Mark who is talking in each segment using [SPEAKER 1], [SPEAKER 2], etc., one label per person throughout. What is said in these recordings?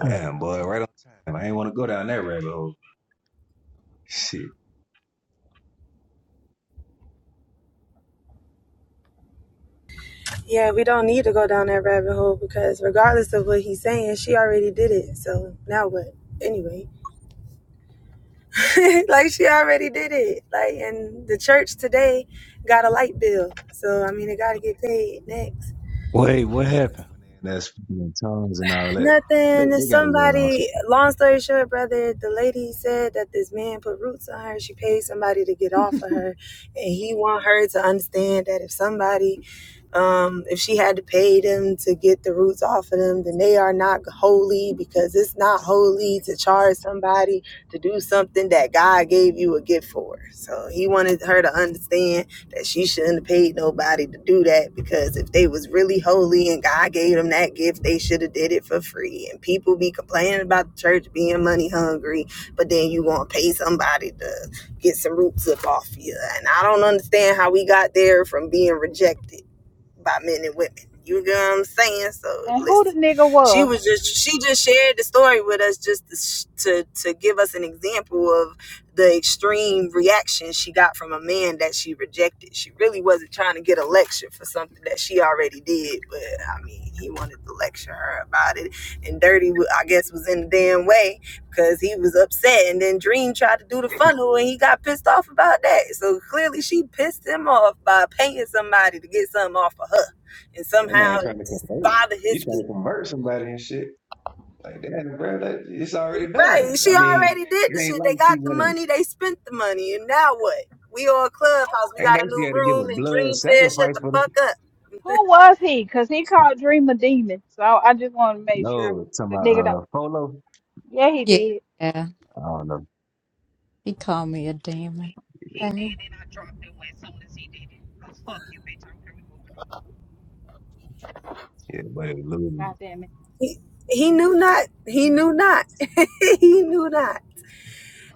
[SPEAKER 1] Alright,
[SPEAKER 2] Damn, boy, right on time. I ain't want to go down that rabbit hole. Shit.
[SPEAKER 3] Yeah, we don't need to go down that rabbit hole because regardless of what he's saying, she already did it. So now what? Anyway, like she already did it. Like, and the church today got a light bill. So, I mean, they got to get paid next.
[SPEAKER 4] Wait,
[SPEAKER 2] People
[SPEAKER 4] what
[SPEAKER 2] don't think
[SPEAKER 4] happened?
[SPEAKER 2] when they're in there speaking in tongues and all that. They
[SPEAKER 3] Nothing.
[SPEAKER 2] they got a little awesome.
[SPEAKER 3] Somebody, long story short, brother, the lady said that this man put roots on her. She paid somebody to get off of her. And he want her to understand that if somebody Um, if she had to pay them to get the roots off of them, then they are not holy because it's not holy to charge somebody to do something that God gave you a gift for. So he wanted her to understand that she shouldn't have paid nobody to do that because if they was really holy and God gave them that gift, they should have did it for free. And people be complaining about the church being money hungry, but then you gonna pay somebody to get some roots up off you. And I don't understand how we got there from being rejected by men and women. You get what I'm saying? So
[SPEAKER 5] And who the
[SPEAKER 3] listen,
[SPEAKER 5] nigga
[SPEAKER 3] she
[SPEAKER 5] was?
[SPEAKER 3] was just she just shared the story with us just to to, to give us an example of the extreme reaction she got from a man that she rejected. She really wasn't trying to get a lecture for something that she already did, but I mean, he wanted to lecture her about it, and Dirty, I guess, was in the damn way because he was upset and then dream tried to do the funnel and he got pissed off about that so clearly she pissed him off by paying somebody to get something off of her and
[SPEAKER 2] That
[SPEAKER 3] somehow
[SPEAKER 2] man trying to
[SPEAKER 3] it just
[SPEAKER 2] convert.
[SPEAKER 3] bothered
[SPEAKER 2] He
[SPEAKER 3] his
[SPEAKER 2] trying
[SPEAKER 3] spirit.
[SPEAKER 2] to convert somebody and shit. Like damn, bro, that, it's already
[SPEAKER 3] right
[SPEAKER 2] done. I
[SPEAKER 3] she
[SPEAKER 2] mean,
[SPEAKER 3] already did
[SPEAKER 2] it
[SPEAKER 3] the
[SPEAKER 2] ain't
[SPEAKER 3] shit
[SPEAKER 2] like
[SPEAKER 3] they
[SPEAKER 2] she
[SPEAKER 3] got the
[SPEAKER 2] went and
[SPEAKER 3] money they spent the money and now what we all clubhouse we
[SPEAKER 2] ain't
[SPEAKER 3] got a
[SPEAKER 2] like she
[SPEAKER 3] new
[SPEAKER 2] had to give a
[SPEAKER 3] room and
[SPEAKER 2] blood
[SPEAKER 3] dream said shut
[SPEAKER 2] sacrifice
[SPEAKER 3] the
[SPEAKER 2] for this.
[SPEAKER 3] fuck up
[SPEAKER 5] Who was he? Cause he called Dream a demon. So I just want to make sure
[SPEAKER 2] No, talking
[SPEAKER 5] the
[SPEAKER 2] about
[SPEAKER 5] nigga don't.
[SPEAKER 2] uh Polo.
[SPEAKER 5] Yeah, he did.
[SPEAKER 6] Yeah,
[SPEAKER 2] I don't know.
[SPEAKER 6] he called me a demon.
[SPEAKER 7] He did,
[SPEAKER 6] Hey,
[SPEAKER 7] and I dropped him as soon as he did it. Oh, fuck you, bitch. I don't care. We moving over.
[SPEAKER 2] Yeah, but it was little-
[SPEAKER 5] God damn it.
[SPEAKER 3] he, he knew not he knew not he knew not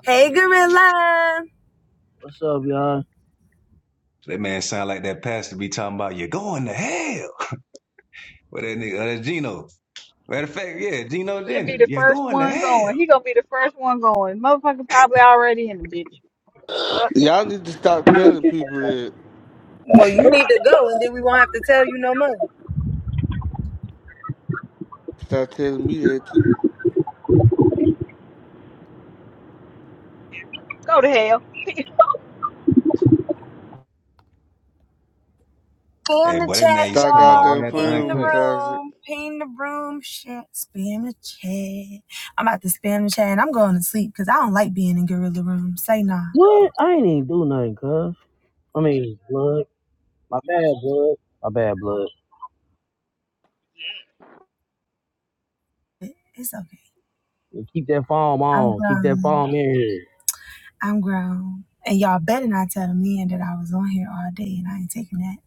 [SPEAKER 3] hey gorilla
[SPEAKER 1] What's up, y'all?
[SPEAKER 2] that man sound like that pastor be talking about you're going to hell. But that nigga, uh, that's Gino. Matter of fact, yeah, Geno
[SPEAKER 5] That'd be
[SPEAKER 2] Jennings.
[SPEAKER 5] the
[SPEAKER 2] Yeah,
[SPEAKER 5] first
[SPEAKER 2] going to
[SPEAKER 5] one going.
[SPEAKER 2] hell.
[SPEAKER 5] He gonna be the first one going. Motherfucker probably already in the bitch. The fuck?
[SPEAKER 8] Y'all need to stop telling people that.
[SPEAKER 3] well you need to go and then we won't have to tell you no more
[SPEAKER 8] Stop telling me that too.
[SPEAKER 7] Purr. Yeah.
[SPEAKER 5] Go to hell.
[SPEAKER 3] Spam
[SPEAKER 2] Hey,
[SPEAKER 3] the
[SPEAKER 2] boy, that
[SPEAKER 3] chat,
[SPEAKER 2] man used to
[SPEAKER 8] Stop
[SPEAKER 2] come
[SPEAKER 3] y'all.
[SPEAKER 2] on
[SPEAKER 8] goddamn
[SPEAKER 2] right after
[SPEAKER 3] Ping
[SPEAKER 8] playing
[SPEAKER 3] the
[SPEAKER 8] with me,
[SPEAKER 2] Uncut.
[SPEAKER 8] toxic.
[SPEAKER 3] room. Ping the room. Shit. Spam the chat. I'm about to spam the chat and I'm going to sleep because I don't like being in gorilla room. Say nah.
[SPEAKER 1] What? I ain't even do nothing, cuz. I mean, blood. My bad, blood. My bad, blood.
[SPEAKER 7] Yeah.
[SPEAKER 3] It- It's okay.
[SPEAKER 1] You Keep that foam
[SPEAKER 3] I'm
[SPEAKER 1] on. Keep that
[SPEAKER 3] grown.
[SPEAKER 1] foam in here.
[SPEAKER 3] I'm grown. And y'all better not tell the man that I was on here all day and I ain't taking that.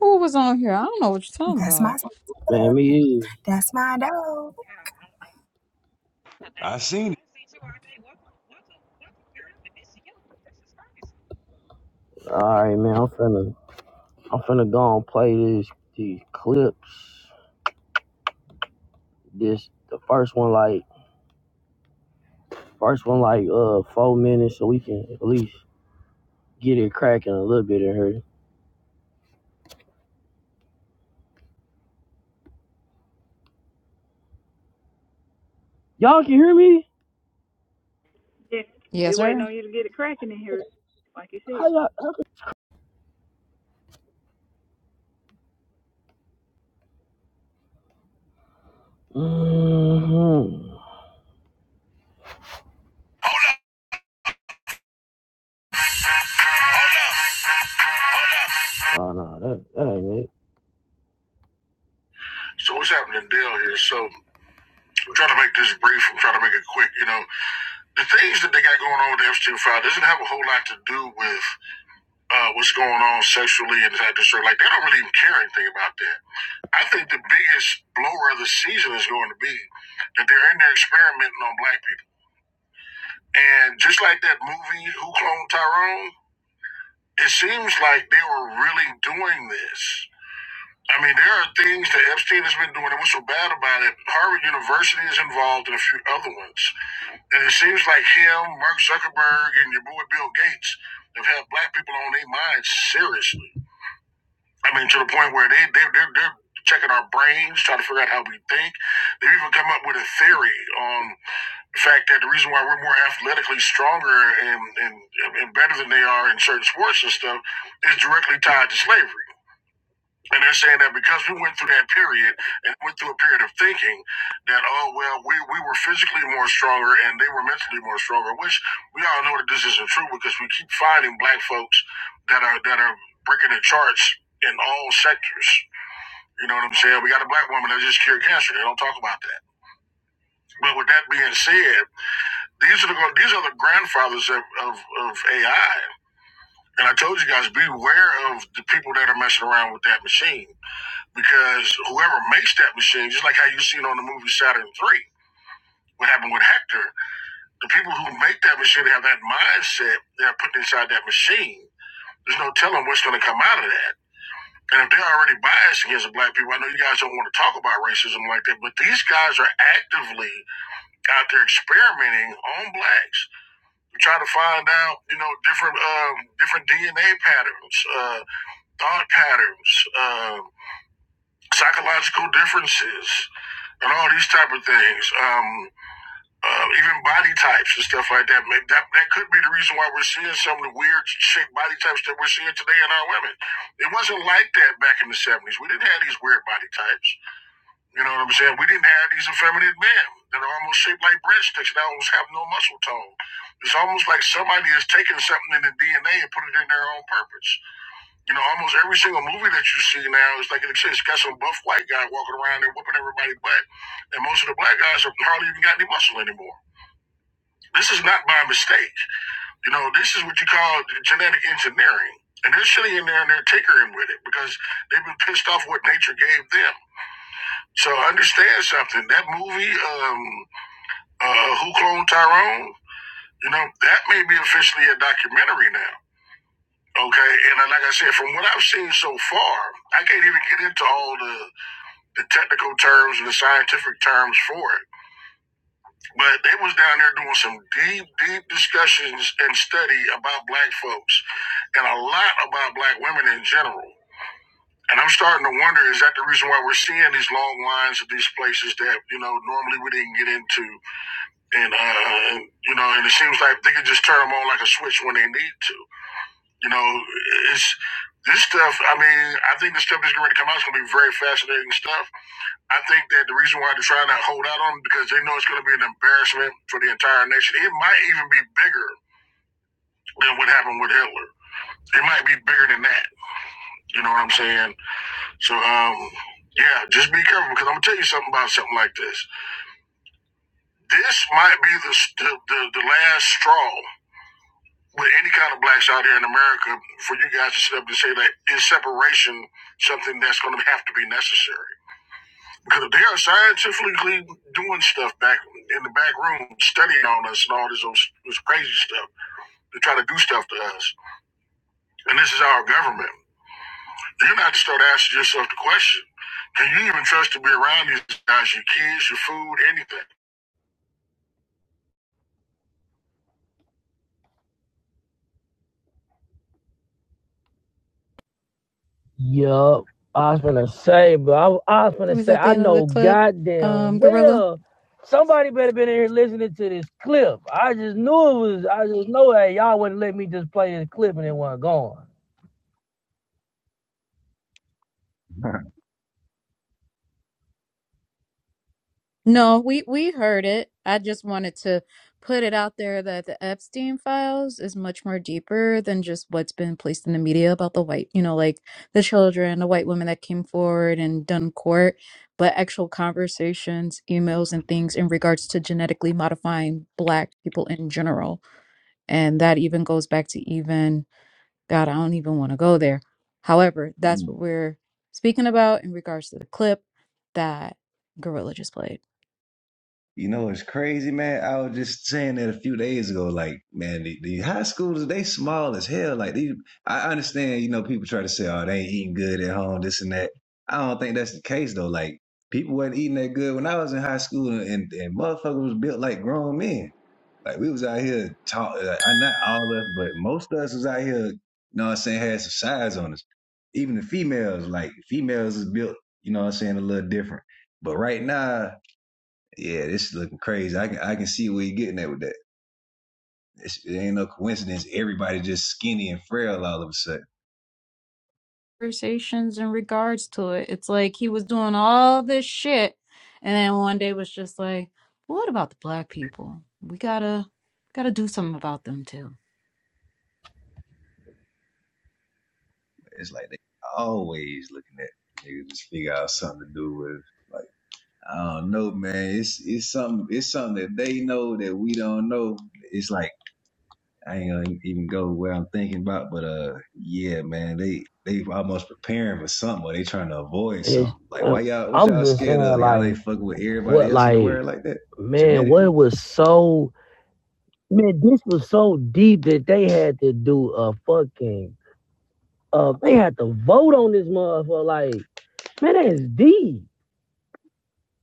[SPEAKER 6] who was on here? I don't know what you're talking
[SPEAKER 3] That's my
[SPEAKER 6] about.
[SPEAKER 1] Man, me
[SPEAKER 3] that's my dog.
[SPEAKER 7] I don't know. Cause I
[SPEAKER 2] I
[SPEAKER 7] ain't think "Hey,
[SPEAKER 2] seen
[SPEAKER 7] I don't see you all day. Welcome, welcome, welcome, girl. And this is you. This is crazy.
[SPEAKER 1] either. All right, man. I'm finna, I'm finna go and play this, these clips. This, the first one, like, first one, like, uh, four minutes, so we can at least get it cracking a little bit in here. Y'all can hear me?
[SPEAKER 5] Yeah, we
[SPEAKER 6] Yes, sir.
[SPEAKER 5] waiting on you to get it cracking in here, like you said.
[SPEAKER 1] How y'all? hmm Oh no, that, that ain't it. So what's happening, Bill? Here, so. I'm trying to make this brief. I'm trying to make it quick. You know, the things that they got going on with the Epstein file doesn't have a whole lot to do with uh, what's going on sexually and that sort. Like they don't really even care anything about that. I think the biggest blower of the season is going to be that they're in there experimenting on black people. And just like that movie, Who Cloned Tyrone, it seems like they were really doing this. I mean, there are things that Epstein has been doing, and what's so bad about it, Harvard University is involved and a few other ones. And it seems like him, Mark Zuckerberg, and your boy Bill Gates have had black people on their minds seriously. I mean, to the point where they, they, they're, they're checking our brains, trying to figure out how we think. They've even come up with a theory on the fact that the reason why we're more athletically stronger and, and, and better than they are in certain sports and stuff is directly tied to slavery. And they're saying that because we went through that period and went through a period of thinking that, oh, well, we, we were physically more stronger and they were mentally more stronger, which we all know that this isn't true because we keep finding black folks that are that are breaking the charts in all sectors. You know what I'm saying? We got a black woman that just cured cancer. They don't talk about that. But with that being said, these are the these are the grandfathers of, of, of AI. And I told you guys, beware of the people that are messing around with that machine because whoever makes that machine, just like how you seen on the movie Saturn Three, what happened with Hector, the people who make that machine have that mindset that are put inside that machine. There's no telling what's going to come out of that. And if they're already biased against black people, I know you guys don't want to talk about racism like that, but these guys are actively out there experimenting on blacks to try to find out, you know, different um, different DNA patterns, uh, thought patterns, um, psychological differences, and all these type of things, um, uh, even body types and stuff like that. Maybe that that could be the reason why we're seeing some of the weird shaped body types that we're seeing today in our women. It wasn't like that back in the seventies. We didn't have these weird body types. You know what I'm saying? We didn't have these effeminate men that are almost shaped like breadsticks that almost have no muscle tone. It's almost like somebody is taking something in the DNA and put it in their own purpose. You know, almost every single movie that you see now is like it's, it's got some buff white guy walking around and whooping everybody butt, and most of the black guys have hardly even got any muscle anymore. This is not by mistake. You know, this is what you call genetic engineering. And they're sitting in there and they're tinkering with it because they've been pissed off what nature gave them. So understand something. That movie, um, uh, Who Cloned Tyrone? You know, that may be officially a documentary now. Okay, and uh, like I said, from what I've seen so far, I can't even get into all the the technical terms and the scientific terms for it. But they was down there doing some deep, deep discussions and study about black folks and a lot about black women in general. And I'm starting to wonder, is that the reason why we're seeing these long lines at these places that, you know, normally we didn't get into? And, uh, you know, and it seems like they could just turn them on like a switch when they need to. You know, it's this stuff. I mean, I think the stuff that's going to come out is going to be very fascinating stuff I think that the reason why they're trying to hold out on them because they know it's going to be an embarrassment for the entire nation. It might even be bigger than what happened with Hitler. It might be bigger than that. You know what I'm saying? So, um, yeah, just be careful because I'm gonna tell you something about something like this. This might be the the, the, the last straw with any kind of blacks out here in America for you guys to sit up and say that is separation something that's going to have to be necessary. Because they are scientifically doing stuff back in the back room, studying on us and all this, this crazy stuff to try to do stuff to us. And this is our government. You have to start asking yourself the question: Can you even trust to be around these guys? Your kids, your food, anything? Yup. I was gonna say, bro. I, I was
[SPEAKER 6] It
[SPEAKER 1] gonna
[SPEAKER 6] was
[SPEAKER 1] say,
[SPEAKER 6] at the
[SPEAKER 1] I
[SPEAKER 6] end of the
[SPEAKER 1] know
[SPEAKER 6] clip.
[SPEAKER 1] goddamn
[SPEAKER 6] Um, Gorilla.
[SPEAKER 1] well somebody better been in here listening to this clip. I just knew it was. I just know that y'all wouldn't let me just play this clip and it wasn't going.
[SPEAKER 2] it.
[SPEAKER 6] No, we we heard it. I just wanted to put it out there that the Epstein files is much more deeper than just what's been placed in the media about the white, you know, like the children, the white women that came forward and done court, but actual conversations, emails, and things in regards to genetically modifying black people in general And that even goes back to even, God, I don't even want to go there. However, that's what we're speaking about in regards to the clip that Gorilla just played.
[SPEAKER 2] You know, it's crazy, man. I was just saying that a few days ago. Like, man, the, the high schools, they small as hell. Like, these, I understand, you know, people try to say, oh, they ain't eating good at home, this and that. I don't think that's the case, though. Like, people wasn't eating that good when I was in high school, and, and motherfuckers was built like grown men. Like we was out here talk like, I not all of us, but most of us was out here, you know what I'm saying, had some size on us. Even the females, like females is built, you know what I'm saying, a little different. But right now, yeah, this is looking crazy. I can I can see where you're getting at with that. It's, it ain't no coincidence. Everybody just skinny and frail all of a sudden.
[SPEAKER 6] Conversations in regards to it. It's like he was doing all this shit. And then one day was just like, "Well, what about the black people? We gotta gotta do something about them too.
[SPEAKER 2] It's like they always looking at niggas just figure out something to do with. Like I don't know, man. It's it's something it's something that they know that we don't know. It's like I ain't gonna even go where I'm thinking about, but uh, yeah, man, they they almost preparing for something, or they trying to avoid
[SPEAKER 1] And
[SPEAKER 2] something.
[SPEAKER 1] it's,
[SPEAKER 2] Like, why
[SPEAKER 1] um,
[SPEAKER 2] y'all? What
[SPEAKER 1] I'm
[SPEAKER 2] y'all
[SPEAKER 1] just saying,
[SPEAKER 2] scared of? Y'all ain't
[SPEAKER 1] like,
[SPEAKER 2] fucking with everybody
[SPEAKER 1] what,
[SPEAKER 2] else in the
[SPEAKER 1] like,
[SPEAKER 2] world like that
[SPEAKER 1] man,
[SPEAKER 2] genetically.
[SPEAKER 1] what was so, man, this was so deep that they had to do a fucking, uh, they had to vote on this motherfucker. Like, man, that is deep.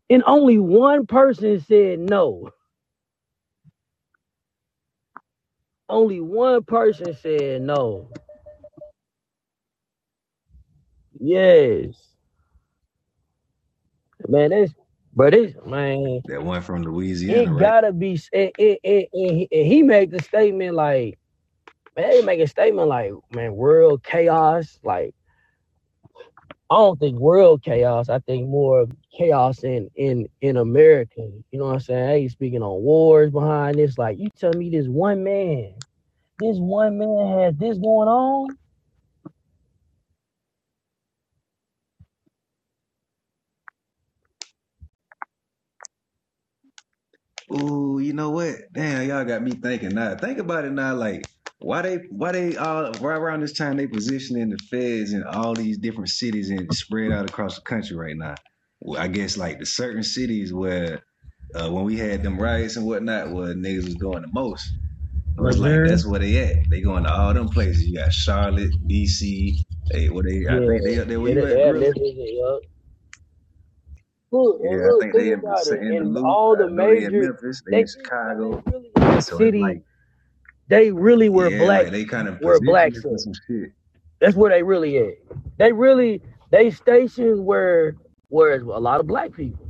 [SPEAKER 1] And only one person said no. Only one person said no. Yes, man, that's, but it's, man,
[SPEAKER 2] That one from Louisiana,
[SPEAKER 1] it
[SPEAKER 2] right?
[SPEAKER 1] gotta be, s- it, it, and he made the statement like, man, they make a statement like, man, world chaos. Like, I don't think world chaos. I think more of chaos in in in America. You know what I'm saying? Hey, speaking on wars behind this, like you tell me this one man, this one man has this going on.
[SPEAKER 2] Ooh, you know what? Damn, y'all got me thinking now. Think about it now, like. Why they why they all right around this time they positioning the feds in all these different cities and spread out across the country right now? Well, I guess like the certain cities where uh, when we had them riots and whatnot, where niggas was doing the most. So it's like
[SPEAKER 1] Missouri.
[SPEAKER 2] that's where they at. They going to all them places. You got Charlotte, DC. They where they I
[SPEAKER 1] Yeah,
[SPEAKER 2] think they up there where
[SPEAKER 1] yeah,
[SPEAKER 2] you
[SPEAKER 1] that,
[SPEAKER 2] at,
[SPEAKER 1] that
[SPEAKER 2] Gorilla?
[SPEAKER 1] Memphis, yeah. Look, and
[SPEAKER 2] Yeah, I
[SPEAKER 1] look,
[SPEAKER 2] think they
[SPEAKER 1] think
[SPEAKER 2] in
[SPEAKER 1] about
[SPEAKER 2] St.
[SPEAKER 1] it.
[SPEAKER 2] in the
[SPEAKER 1] And
[SPEAKER 2] Lou.
[SPEAKER 1] all the
[SPEAKER 2] I know they in
[SPEAKER 1] major,
[SPEAKER 2] Memphis. They in
[SPEAKER 1] they it's like they
[SPEAKER 2] Chicago.
[SPEAKER 1] really in the
[SPEAKER 2] So it's
[SPEAKER 1] city.
[SPEAKER 2] like
[SPEAKER 1] They really were
[SPEAKER 2] yeah, like
[SPEAKER 1] blacks
[SPEAKER 2] they kind of
[SPEAKER 1] were
[SPEAKER 2] positioned it
[SPEAKER 1] blacks
[SPEAKER 2] for
[SPEAKER 1] in.
[SPEAKER 2] some shit
[SPEAKER 1] That's where they really at. They really they stationed where where is a lot of black people.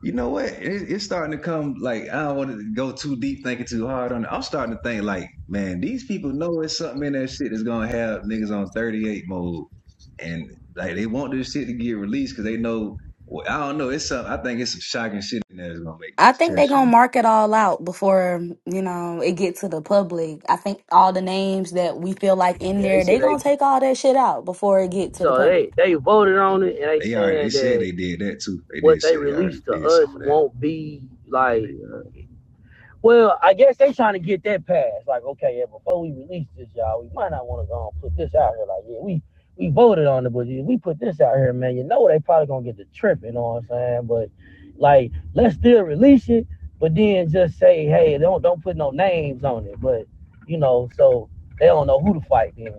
[SPEAKER 2] You know what? It, it's starting to come like I don't want to go too deep, thinking too hard on it. I'm starting to think like, man, these people know it's something in that shit that's gonna have niggas on 38 mode, and like they want this shit to get released because they know. Well, I don't know. It's something. I think it's some shocking shit in there that's gonna make
[SPEAKER 9] I
[SPEAKER 2] niggas
[SPEAKER 9] think
[SPEAKER 2] tell
[SPEAKER 9] they're
[SPEAKER 2] shit.
[SPEAKER 9] gonna mark it all out before you know it get to the public. I think all the names that we feel like in
[SPEAKER 1] Yeah, they
[SPEAKER 9] there, they
[SPEAKER 1] said they
[SPEAKER 9] gonna take all that shit out before it get to the
[SPEAKER 1] so
[SPEAKER 9] public.
[SPEAKER 1] they they voted on it and they
[SPEAKER 2] They already. They
[SPEAKER 1] saying
[SPEAKER 2] said
[SPEAKER 1] that
[SPEAKER 2] they did that too. They did
[SPEAKER 1] what they
[SPEAKER 2] say they already
[SPEAKER 1] released to
[SPEAKER 2] did
[SPEAKER 1] us
[SPEAKER 2] some of that.
[SPEAKER 1] won't be
[SPEAKER 2] Like they,
[SPEAKER 1] like
[SPEAKER 2] uh,
[SPEAKER 1] Well, I guess they trying to get that passed. Like, okay, yeah, before we release this, y'all, we might not want to go and put this out here. Like, yeah, we we voted on it, but if we put this out here, man, you know they probably gonna get the trip. You know what I'm saying? But like, let's still release it, but then just say, hey, don't don't put no names on it. But you know, so they don't know who to fight then,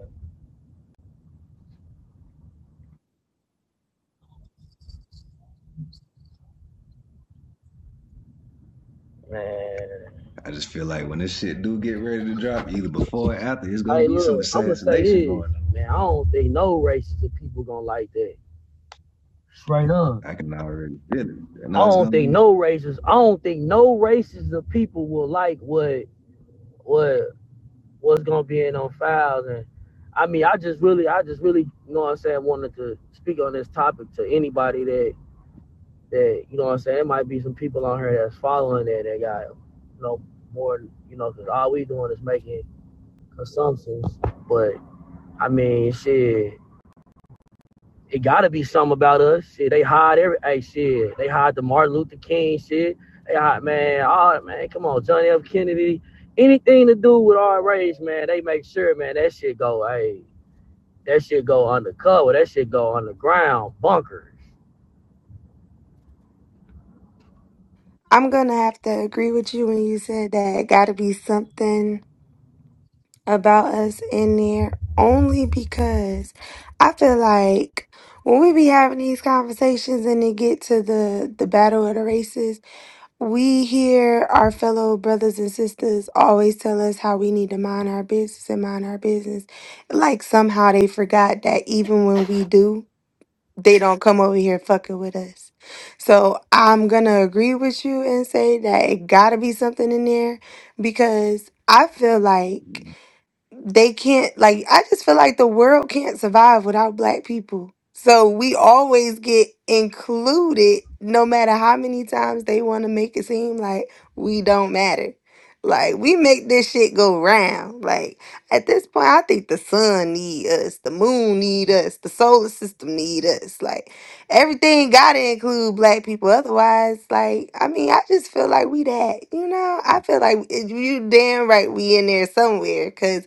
[SPEAKER 1] man.
[SPEAKER 2] I just feel like when this shit do get ready to drop, either before or after, it's gonna
[SPEAKER 1] Hey,
[SPEAKER 2] be some
[SPEAKER 1] look, I'm gonna say
[SPEAKER 2] assassination
[SPEAKER 1] this,
[SPEAKER 2] going on.
[SPEAKER 1] man. I don't think no racist people gonna like that. Straight up.
[SPEAKER 2] I can already feel it. I
[SPEAKER 1] I
[SPEAKER 2] know it's gonna
[SPEAKER 1] don't
[SPEAKER 2] be
[SPEAKER 1] think no races. I don't think no races of people will like what what what's gonna be in on files. And I mean, I just really, I just really, you know what I'm saying, wanted to speak on this topic to anybody that that you know what I'm saying. It might be some people on here that's following that that got you know more, you know, because all we doing is making assumptions. But I mean, shit. it gotta be something about us. Shit, they hide every hey shit. They hide the Martin Luther King shit. They hide man, all man, come on, John F. Kennedy. Anything to do with our race, man, they make sure, man, that shit go, hey, that shit go undercover, that shit go underground, bunkers.
[SPEAKER 3] I'm gonna have to agree with you when you said that it gotta be something. about us in there only because I feel like when we be having these conversations and it get to the the battle of the races, we hear our fellow brothers and sisters always tell us how we need to mind our business and mind our business. Like somehow they forgot that even when we do, they don't come over here fucking with us. So I'm gonna agree with you and say that it gotta be something in there because I feel like they can't like I just feel like the world can't survive without black people. So we always get included no matter how many times they want to make it seem like we don't matter. Like we make this shit go round. Like at this point I think the sun need us, the moon need us, the solar system need us. Like everything got to include black people otherwise like I mean I just feel like we that, you know? I feel like it- you damn right we in there somewhere cuz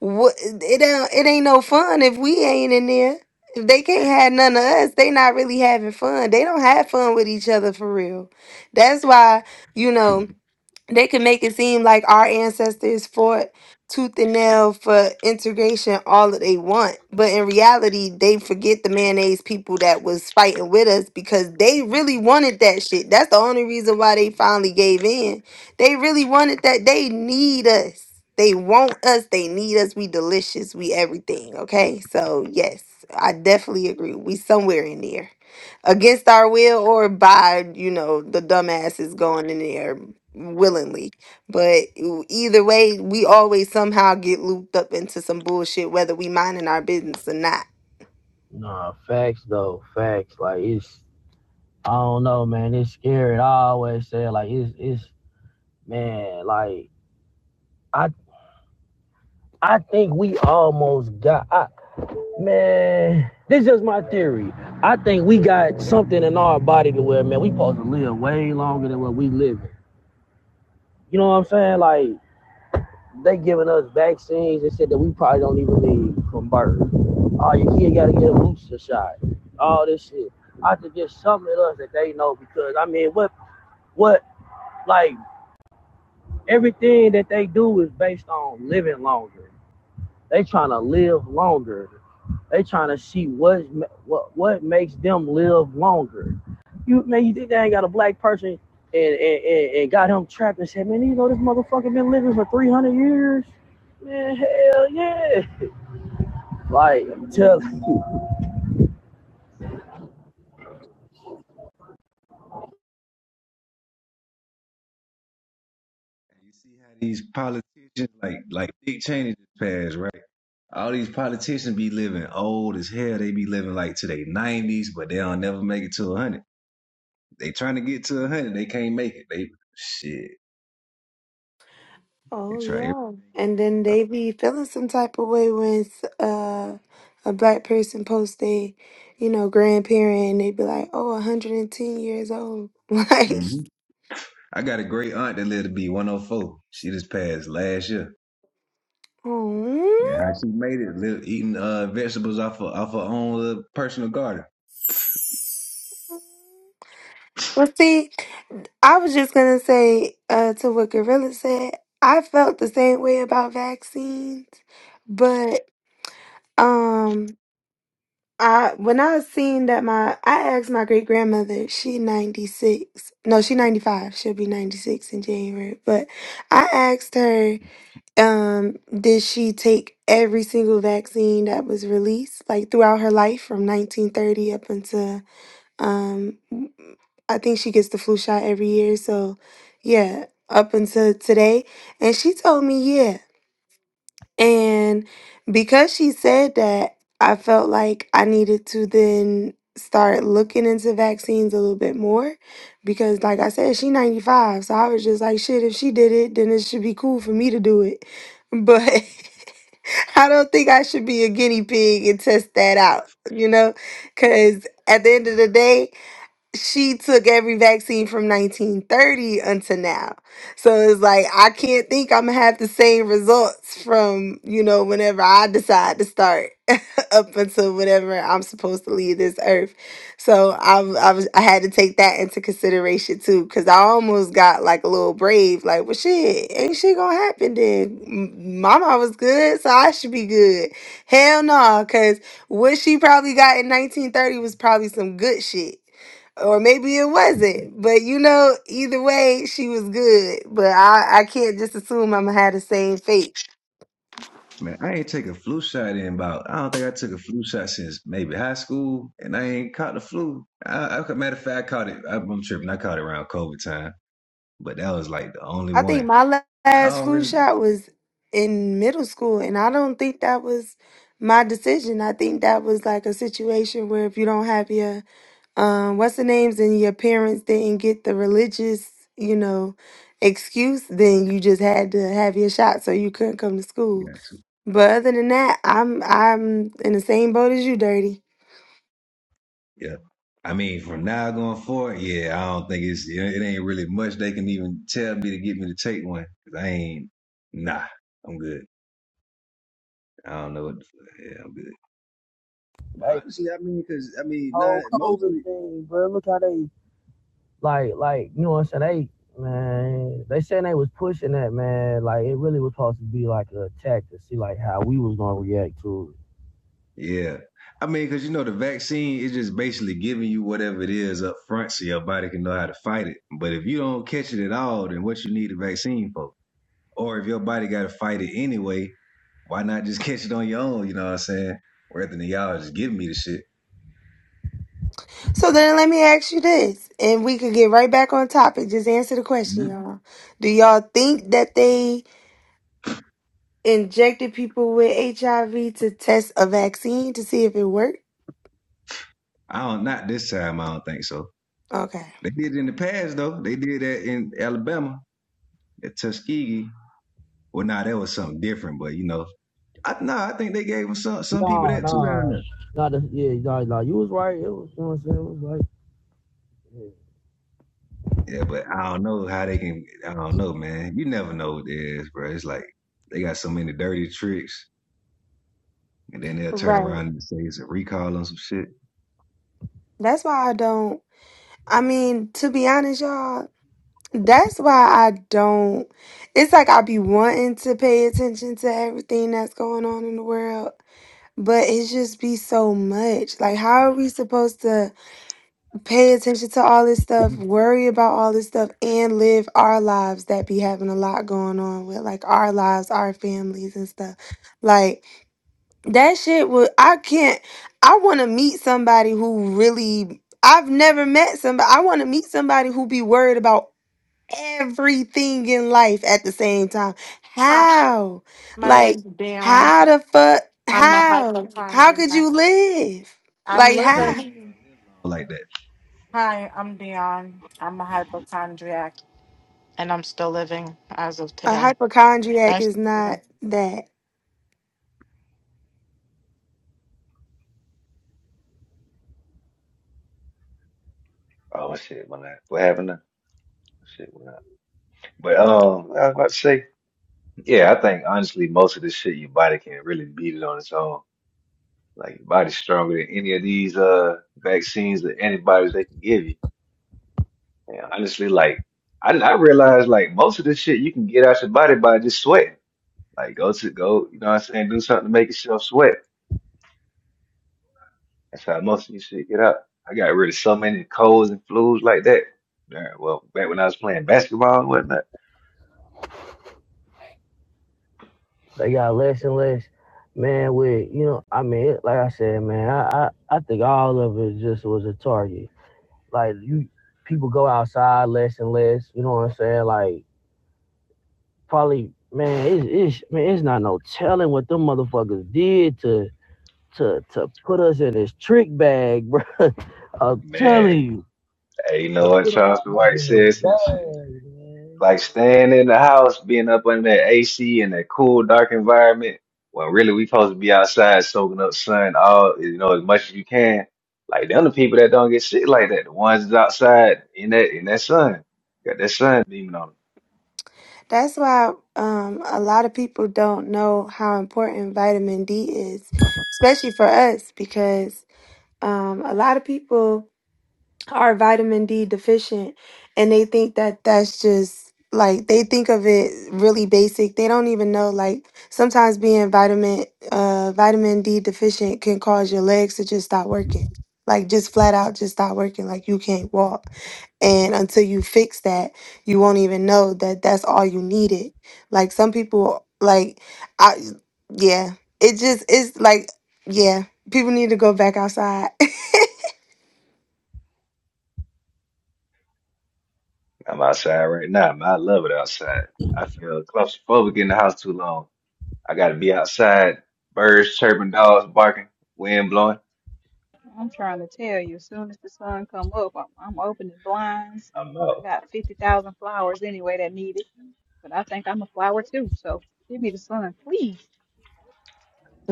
[SPEAKER 3] what it ain't it ain't no fun if we ain't in there. If they can't have none of us, they not really having fun. They don't have fun with each other for real. That's why, you know they can make it seem like our ancestors fought tooth and nail for integration all that they want but in reality they forget the mayonnaise people that was fighting with us because they really wanted that shit that's the only reason why they finally gave in they really wanted that they need us they want us they need us we delicious we everything okay so yes i definitely agree we somewhere in there against our will or by you know the dumbasses going in there willingly. But e- either way, we always somehow get looped up into some bullshit, whether we minding our business or not.
[SPEAKER 1] Nah, facts though, facts. Like it's I don't know, man, it's scary. I always say like it's it's man, like I I think we almost got. I, Man, this is just my theory. I think we got something in our body to where, man, we supposed to live way longer than what we live. You know what I'm saying? Like they giving us vaccines and shit that we probably don't even need from birth. Oh, your kid gotta get a booster shot. All this shit. I think there's something in us that they know because I mean, what, what, like everything that they do is based on living longer. They trying to live longer. They trying to see what what what makes them live longer. You man, you think they ain't got a black person and and, and, and got him trapped and said, man, you know this motherfucker been living for three hundred years. Man, hell yeah. Like tell
[SPEAKER 2] And You see how these politicians, like like Dick Cheney just passed, right? All these politicians be living old as hell. They be living like to their nineties, but they don't never make it to a hundred. They trying to get to a hundred, they can't make it. They shit. They
[SPEAKER 3] Oh
[SPEAKER 2] try. Every,
[SPEAKER 3] yeah, and then they be feeling some type of way when s- uh, a black person posts they, you know, grandparent, and they be like, "Oh, 110 years old." Like,
[SPEAKER 2] hmm I got a great aunt that lived to be one hundred four. She just passed last year. Yeah,
[SPEAKER 3] oh.
[SPEAKER 2] how she made it, live, eating uh, vegetables off of, off her own little personal garden.
[SPEAKER 3] well, see, I was just gonna say uh, to what Gorilla said. I felt the same way about vaccines, but um. I when I seen that my I asked my great grandmother, she 96. No, she 95. She'll be 96 in January. But I asked her um did she take every single vaccine that was released like throughout her life from 1930 up until um I think she gets the flu shot every year, so yeah, up until today. And she told me, yeah. And because she said that, I felt like I needed to then start looking into vaccines a little bit more because like I said she 95 so I was just like shit if she did it then it should be cool for me to do it but I don't think I should be a guinea pig and test that out you know cuz at the end of the day she took every vaccine from 1930 until now. So it's like I can't think I'm gonna have the same results from, you know, whenever I decide to start. up until whenever I'm supposed to leave this earth. So I, w- I was I had to take that into consideration too, because I almost got like a little brave, like, well, shit, ain't shit gonna happen then. M- Mama was good, so I should be good. Hell no, because what she probably got in 1930 was probably some good shit or maybe it wasn't. But you know, either way, she was good. But I, I can't just assume I'm gonna have the same fate.
[SPEAKER 2] Man, I ain't take a flu shot in about. I don't think I took a flu shot since maybe high school, and I ain't caught the flu. I, I matter of fact, I caught it. I, I'm tripping. I caught it around COVID time, but that was like the only
[SPEAKER 3] I think
[SPEAKER 2] one.
[SPEAKER 3] my la-
[SPEAKER 2] I
[SPEAKER 3] last
[SPEAKER 2] don't
[SPEAKER 3] flu
[SPEAKER 2] really.
[SPEAKER 3] shot was in middle school, and I don't think that was my decision. I think that was like a situation where if you don't have your um what's the names and your parents didn't get the religious, you know, excuse, then you just had to have your shot so you couldn't come to school.
[SPEAKER 2] Yeah,
[SPEAKER 3] But other than that, I'm I'm in the same boat as you, dirty.
[SPEAKER 2] yeah. I mean, from now going forward, yeah, I don't think it's. yeah, It ain't really much they can even tell me to get me to take one because I ain't. Nah, I'm good. I don't know what. The, yeah, I'm good. But
[SPEAKER 1] like
[SPEAKER 2] honestly, I mean, because I mean, not
[SPEAKER 1] whole COVID
[SPEAKER 2] mostly.
[SPEAKER 1] thing, bro. Look how they like like you know what I'm saying. They man, they saying they was pushing that man. Like it really was supposed to be like a attack to see like how we was gonna react to it.
[SPEAKER 2] Yeah. I mean, because you know, the vaccine is just basically giving you whatever it is up front so your body can know how to fight it. But if you don't catch it at all, then what you need a vaccine for? Or if your body got to fight it anyway, why not just catch it on your own? You know what I'm saying? Rather than y'all just giving me the shit.
[SPEAKER 3] So then let me ask you this, and we could get right back on topic. Just answer the question,
[SPEAKER 2] Mhm.
[SPEAKER 3] y'all. Do y'all think that they injected people with HIV to test a vaccine to see if it worked.
[SPEAKER 2] I don't, not this time, I don't think so.
[SPEAKER 3] Okay.
[SPEAKER 2] They did it in the past, though. They did that in Alabama, at Tuskegee. Well, nah, that was something different, but you know, I, nah, I think they gave 'em some, some people
[SPEAKER 1] Nah,
[SPEAKER 2] that too down there.
[SPEAKER 1] nah, not the, yeah, no, Nah, You was right. It was, you know what I'm saying. It was like yeah.
[SPEAKER 2] Yeah, but I don't know how they can. I don't know, man. You never know what it is, bro. It's like they got so many dirty tricks, and then they'll turn
[SPEAKER 3] Right.
[SPEAKER 2] around and say it's a recall on some shit.
[SPEAKER 3] That's why I don't. I mean, to be honest, y'all, that's why I don't. It's like I be wanting to pay attention to everything that's going on in the world, but it just be so much. Like, how are we supposed to pay attention to all this stuff, worry about all this stuff, and live our lives that be having a lot going on with, like, our lives, our families, and stuff? Like, That shit would I can't I wanna meet somebody who really I've never met somebody I wanna meet somebody who be worried about everything in life at the same time.
[SPEAKER 10] Hi,
[SPEAKER 3] How?
[SPEAKER 10] my
[SPEAKER 3] Like
[SPEAKER 10] name's Dion.
[SPEAKER 3] how the fuck
[SPEAKER 10] I'm a
[SPEAKER 3] how? How could
[SPEAKER 10] hypochondriac.
[SPEAKER 3] you live?
[SPEAKER 10] I'm
[SPEAKER 3] Like
[SPEAKER 2] Yeah,
[SPEAKER 3] how
[SPEAKER 10] living.
[SPEAKER 2] you ain't all like that.
[SPEAKER 10] Hi, I'm Dion. I'm a hypochondriac, and I'm still living as of
[SPEAKER 3] a
[SPEAKER 10] today.
[SPEAKER 3] hypochondriac
[SPEAKER 10] Nice to
[SPEAKER 3] is
[SPEAKER 10] meet
[SPEAKER 3] not
[SPEAKER 10] you.
[SPEAKER 3] that.
[SPEAKER 2] Oh shit, my not? What happened now? Shit, what happened? But um, I was about to say, yeah, I think honestly, most of this shit, your body can really beat it on its own. Like your body's stronger than any of these uh vaccines or antibodies they can give you. And honestly, like I, I realized, like most of this shit you can get out your body by just sweating. Like go to go, you know what I'm saying, do something to make yourself sweat. That's how most of you shit get up. I got rid of so many colds and flus like that. Yeah, well, back when I was playing basketball and whatnot.
[SPEAKER 1] they got less and less, man. With you know, I mean, it, like I said, man, I, I I think all of it just was a target. Like you, people go outside less and less. You know what I'm saying? Like probably, man, it's, it's man, it's not no telling what them motherfuckers did to to to put us in this trick bag, bro. I'm
[SPEAKER 2] Man,
[SPEAKER 1] telling you,
[SPEAKER 2] hey, you know
[SPEAKER 1] to
[SPEAKER 2] what
[SPEAKER 1] put them
[SPEAKER 2] Charleston
[SPEAKER 1] motherfuckers
[SPEAKER 2] White
[SPEAKER 1] in
[SPEAKER 2] said
[SPEAKER 1] this
[SPEAKER 2] some shit.
[SPEAKER 1] bag, man.
[SPEAKER 2] Like staying in the house, being up under that AC and that cool, dark environment, when really we supposed to be outside soaking up sun all you know, as much as you can. Like them the people that don't get shit like that. The ones that's outside in that in that sun. Got that sun beaming on 'em.
[SPEAKER 3] That's why um a lot of people don't know how important vitamin D is, especially for us because um, a lot of people are vitamin D deficient and they think that that's just like they think of it really basic. They don't even know like sometimes being vitamin uh vitamin D deficient can cause your legs to just stop working. Like just flat out just stop working like you can't walk. And until you fix that, you won't even know that that's all you needed. Like some people like I yeah, it just it's like yeah, people need to go back outside.
[SPEAKER 2] I'm outside right now, man. I love it outside. I feel claustrophobic in the house too long. I gotta be outside. Birds chirping, dogs barking, wind blowing.
[SPEAKER 5] I'm trying to tell you, as soon as the sun come up, I'm, I'm opening blinds.
[SPEAKER 2] I'm
[SPEAKER 5] I
[SPEAKER 2] out.
[SPEAKER 5] got 50,000 flowers anyway that need it. But I think I'm a flower too. So give me the sun, please.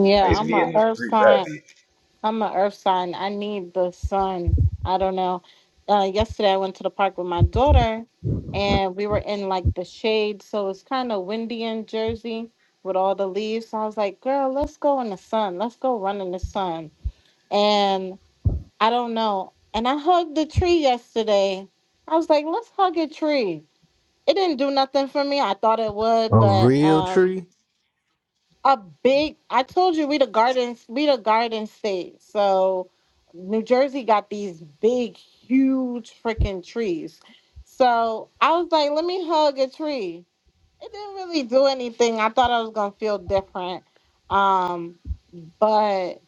[SPEAKER 10] Yeah,
[SPEAKER 2] I used to
[SPEAKER 10] I'm
[SPEAKER 2] be
[SPEAKER 10] a
[SPEAKER 2] in the
[SPEAKER 10] earth
[SPEAKER 2] streets. I'd
[SPEAKER 10] sign.
[SPEAKER 2] be. That's
[SPEAKER 10] I'm a earth sign. I need the sun. I don't know. Uh, yesterday, I went to the park with my daughter, and we were in like the shade, so it's kind of windy in Jersey with all the leaves. So I was like, "Girl, let's go in the sun. Let's go run in the sun." And I don't know. And I hugged the tree yesterday. I was like, let's hug a tree. It didn't do nothing for me. I thought it would,
[SPEAKER 4] A
[SPEAKER 10] but
[SPEAKER 4] real
[SPEAKER 10] um
[SPEAKER 4] tree?
[SPEAKER 10] a big I told you we the gardens we the garden state. So New Jersey got these big, huge freaking trees. So I was like, let me hug a tree. It didn't really do anything. I thought I was gonna feel different. Um, but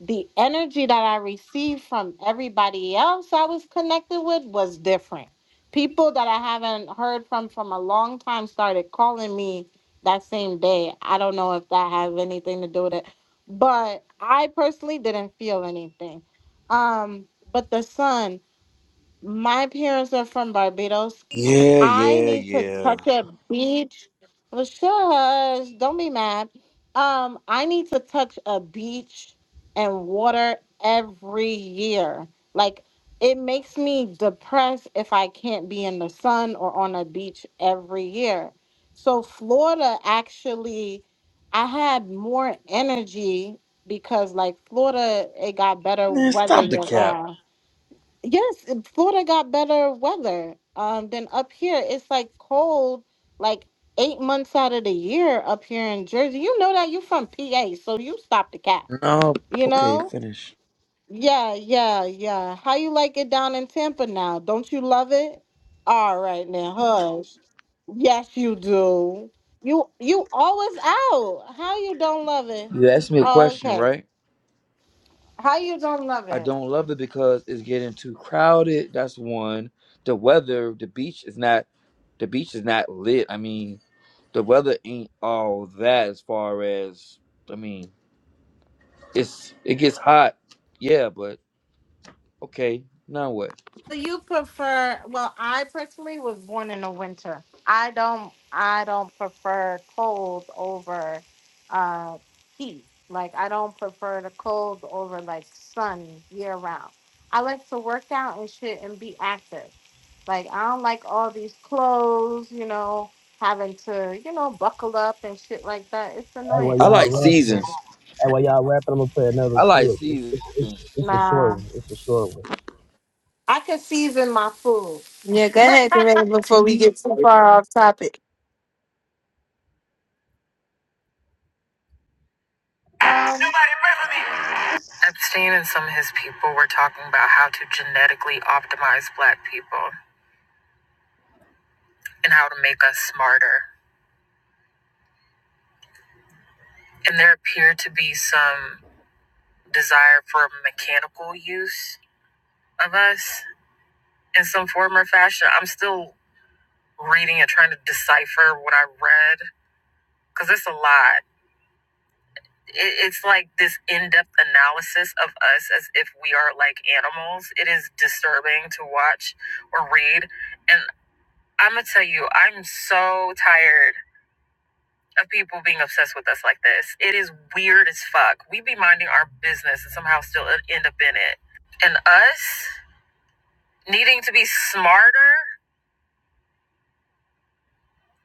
[SPEAKER 10] the energy that I received from everybody else I was connected with was different. People that I haven't heard from from a long time started calling me that same day. I don't know if that has anything to do with it, but I personally didn't feel anything. Um, but the sun, my parents are from Barbados.
[SPEAKER 11] Yeah,
[SPEAKER 10] I
[SPEAKER 11] yeah,
[SPEAKER 10] need to
[SPEAKER 11] yeah.
[SPEAKER 10] touch a beach. Well, shush, don't be mad. Um, I need to touch a beach and water every year. Like it makes me depressed if I can't be in the sun or on a beach every year. So Florida actually, I had more energy because like Florida, it got better
[SPEAKER 11] Man,
[SPEAKER 10] weather
[SPEAKER 11] stop the
[SPEAKER 10] year
[SPEAKER 11] cap.
[SPEAKER 10] round. Yes, and Florida got better weather um, than up here. It's like cold, like eight months out of the year up here in Jersey. You know that you from PA, so you stop the cap.
[SPEAKER 11] No,
[SPEAKER 10] You
[SPEAKER 11] okay,
[SPEAKER 10] know?
[SPEAKER 11] finish.
[SPEAKER 10] Yeah, yeah, yeah. How you like it down in Tampa now? Don't you love it? All right now, hush. Yes, you do. You you always out. How you don't love it?
[SPEAKER 11] You asked me a question,
[SPEAKER 10] Okay.
[SPEAKER 11] right?
[SPEAKER 10] How you don't love
[SPEAKER 11] I
[SPEAKER 10] it?
[SPEAKER 11] don't love it because it's getting too crowded. That's one. The weather, the beach is not, the beach is not lit. I mean, the weather ain't all that as far as, I mean, it's it gets hot. Yeah, but okay, now what?
[SPEAKER 10] So you prefer? Well, I personally was born in the winter. I don't. I don't prefer cold over uh, heat. Like I don't prefer the cold over like sun year round. I like to work out and shit and be active. Like I don't like all these clothes. You know, having to you know buckle up and shit like that. It's
[SPEAKER 1] Hey, while
[SPEAKER 10] annoying.
[SPEAKER 11] I
[SPEAKER 1] y'all
[SPEAKER 11] like
[SPEAKER 1] rapping,
[SPEAKER 10] Like
[SPEAKER 11] seasons.
[SPEAKER 1] hey, while y'all rapping, I'm gonna play
[SPEAKER 11] I
[SPEAKER 1] another
[SPEAKER 11] like
[SPEAKER 1] clip. It's,
[SPEAKER 11] seasons.
[SPEAKER 1] it's, it's, it's a short
[SPEAKER 10] nah,
[SPEAKER 1] one. It's a short one.
[SPEAKER 10] I can season my food.
[SPEAKER 3] Yeah, go ahead, Coretta, before we get too far off topic.
[SPEAKER 10] Um.
[SPEAKER 1] Epstein and some of his people were talking about how to genetically optimize black people and how to make us smarter. And there appeared to be some desire for mechanical use of us in some form or fashion. I'm still reading and trying to decipher what I read because it's a lot. it's like this in-depth analysis of us as if we are like animals it is disturbing to watch or read and i'm gonna tell you i'm so tired of people being obsessed with us like this it is weird as fuck we be minding our business and somehow still end up in it and us needing to be smarter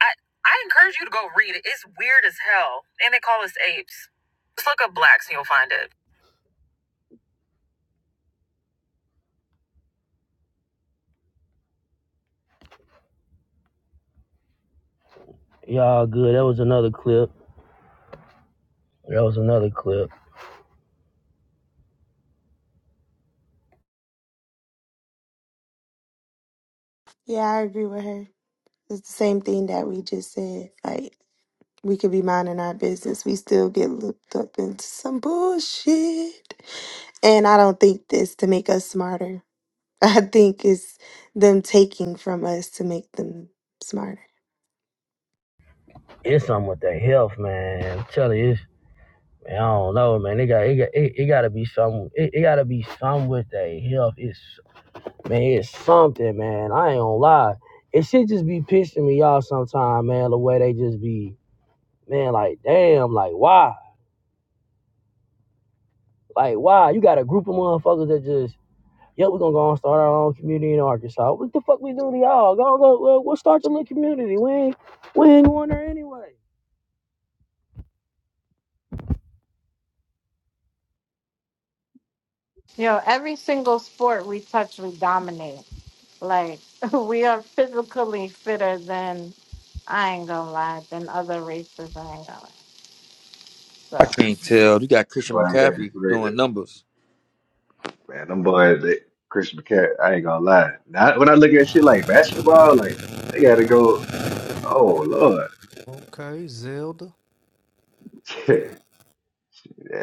[SPEAKER 1] i i encourage you to go read it it's weird as hell and they call us apes just look up blacks and you'll find it Y'all good. That was another clip. That was another clip.
[SPEAKER 3] Yeah, I agree with her. It's the same thing that we just said. Like, we could be minding our business. We still get looped up into some bullshit. And I don't think this to make us smarter. I think it's them taking from us to make them smarter.
[SPEAKER 1] It's something with the health, man. I'm telling you, man, I don't know, man. It got, it got, it, it gotta be something. It, it gotta be something with the health. It's, man, it's something, man. I ain't gonna lie. It should just be pissing me off Sometimes, man. The way they just be, man, like, damn, like, why? Like, why? You got a group of motherfuckers that just, yeah, we're gonna go and start our own community in Arkansas. What the fuck we do to y'all? Go, go, go, we'll start your little community. We ain't, we ain't going there anyway.
[SPEAKER 10] You know, every single sport we touch, we dominate. Like we are physically fitter than I ain't gonna lie than other races. I ain't gonna lie.
[SPEAKER 11] I
[SPEAKER 10] So,
[SPEAKER 11] can't tell. You got Christian
[SPEAKER 2] why I'm having
[SPEAKER 11] McCaffrey
[SPEAKER 2] created.
[SPEAKER 11] doing numbers.
[SPEAKER 2] Man, them boys, that Chris McCaffrey, I ain't gonna lie. Now, when I look at shit like basketball, like, they gotta go, oh, Lord.
[SPEAKER 4] Okay, Zelda.
[SPEAKER 2] that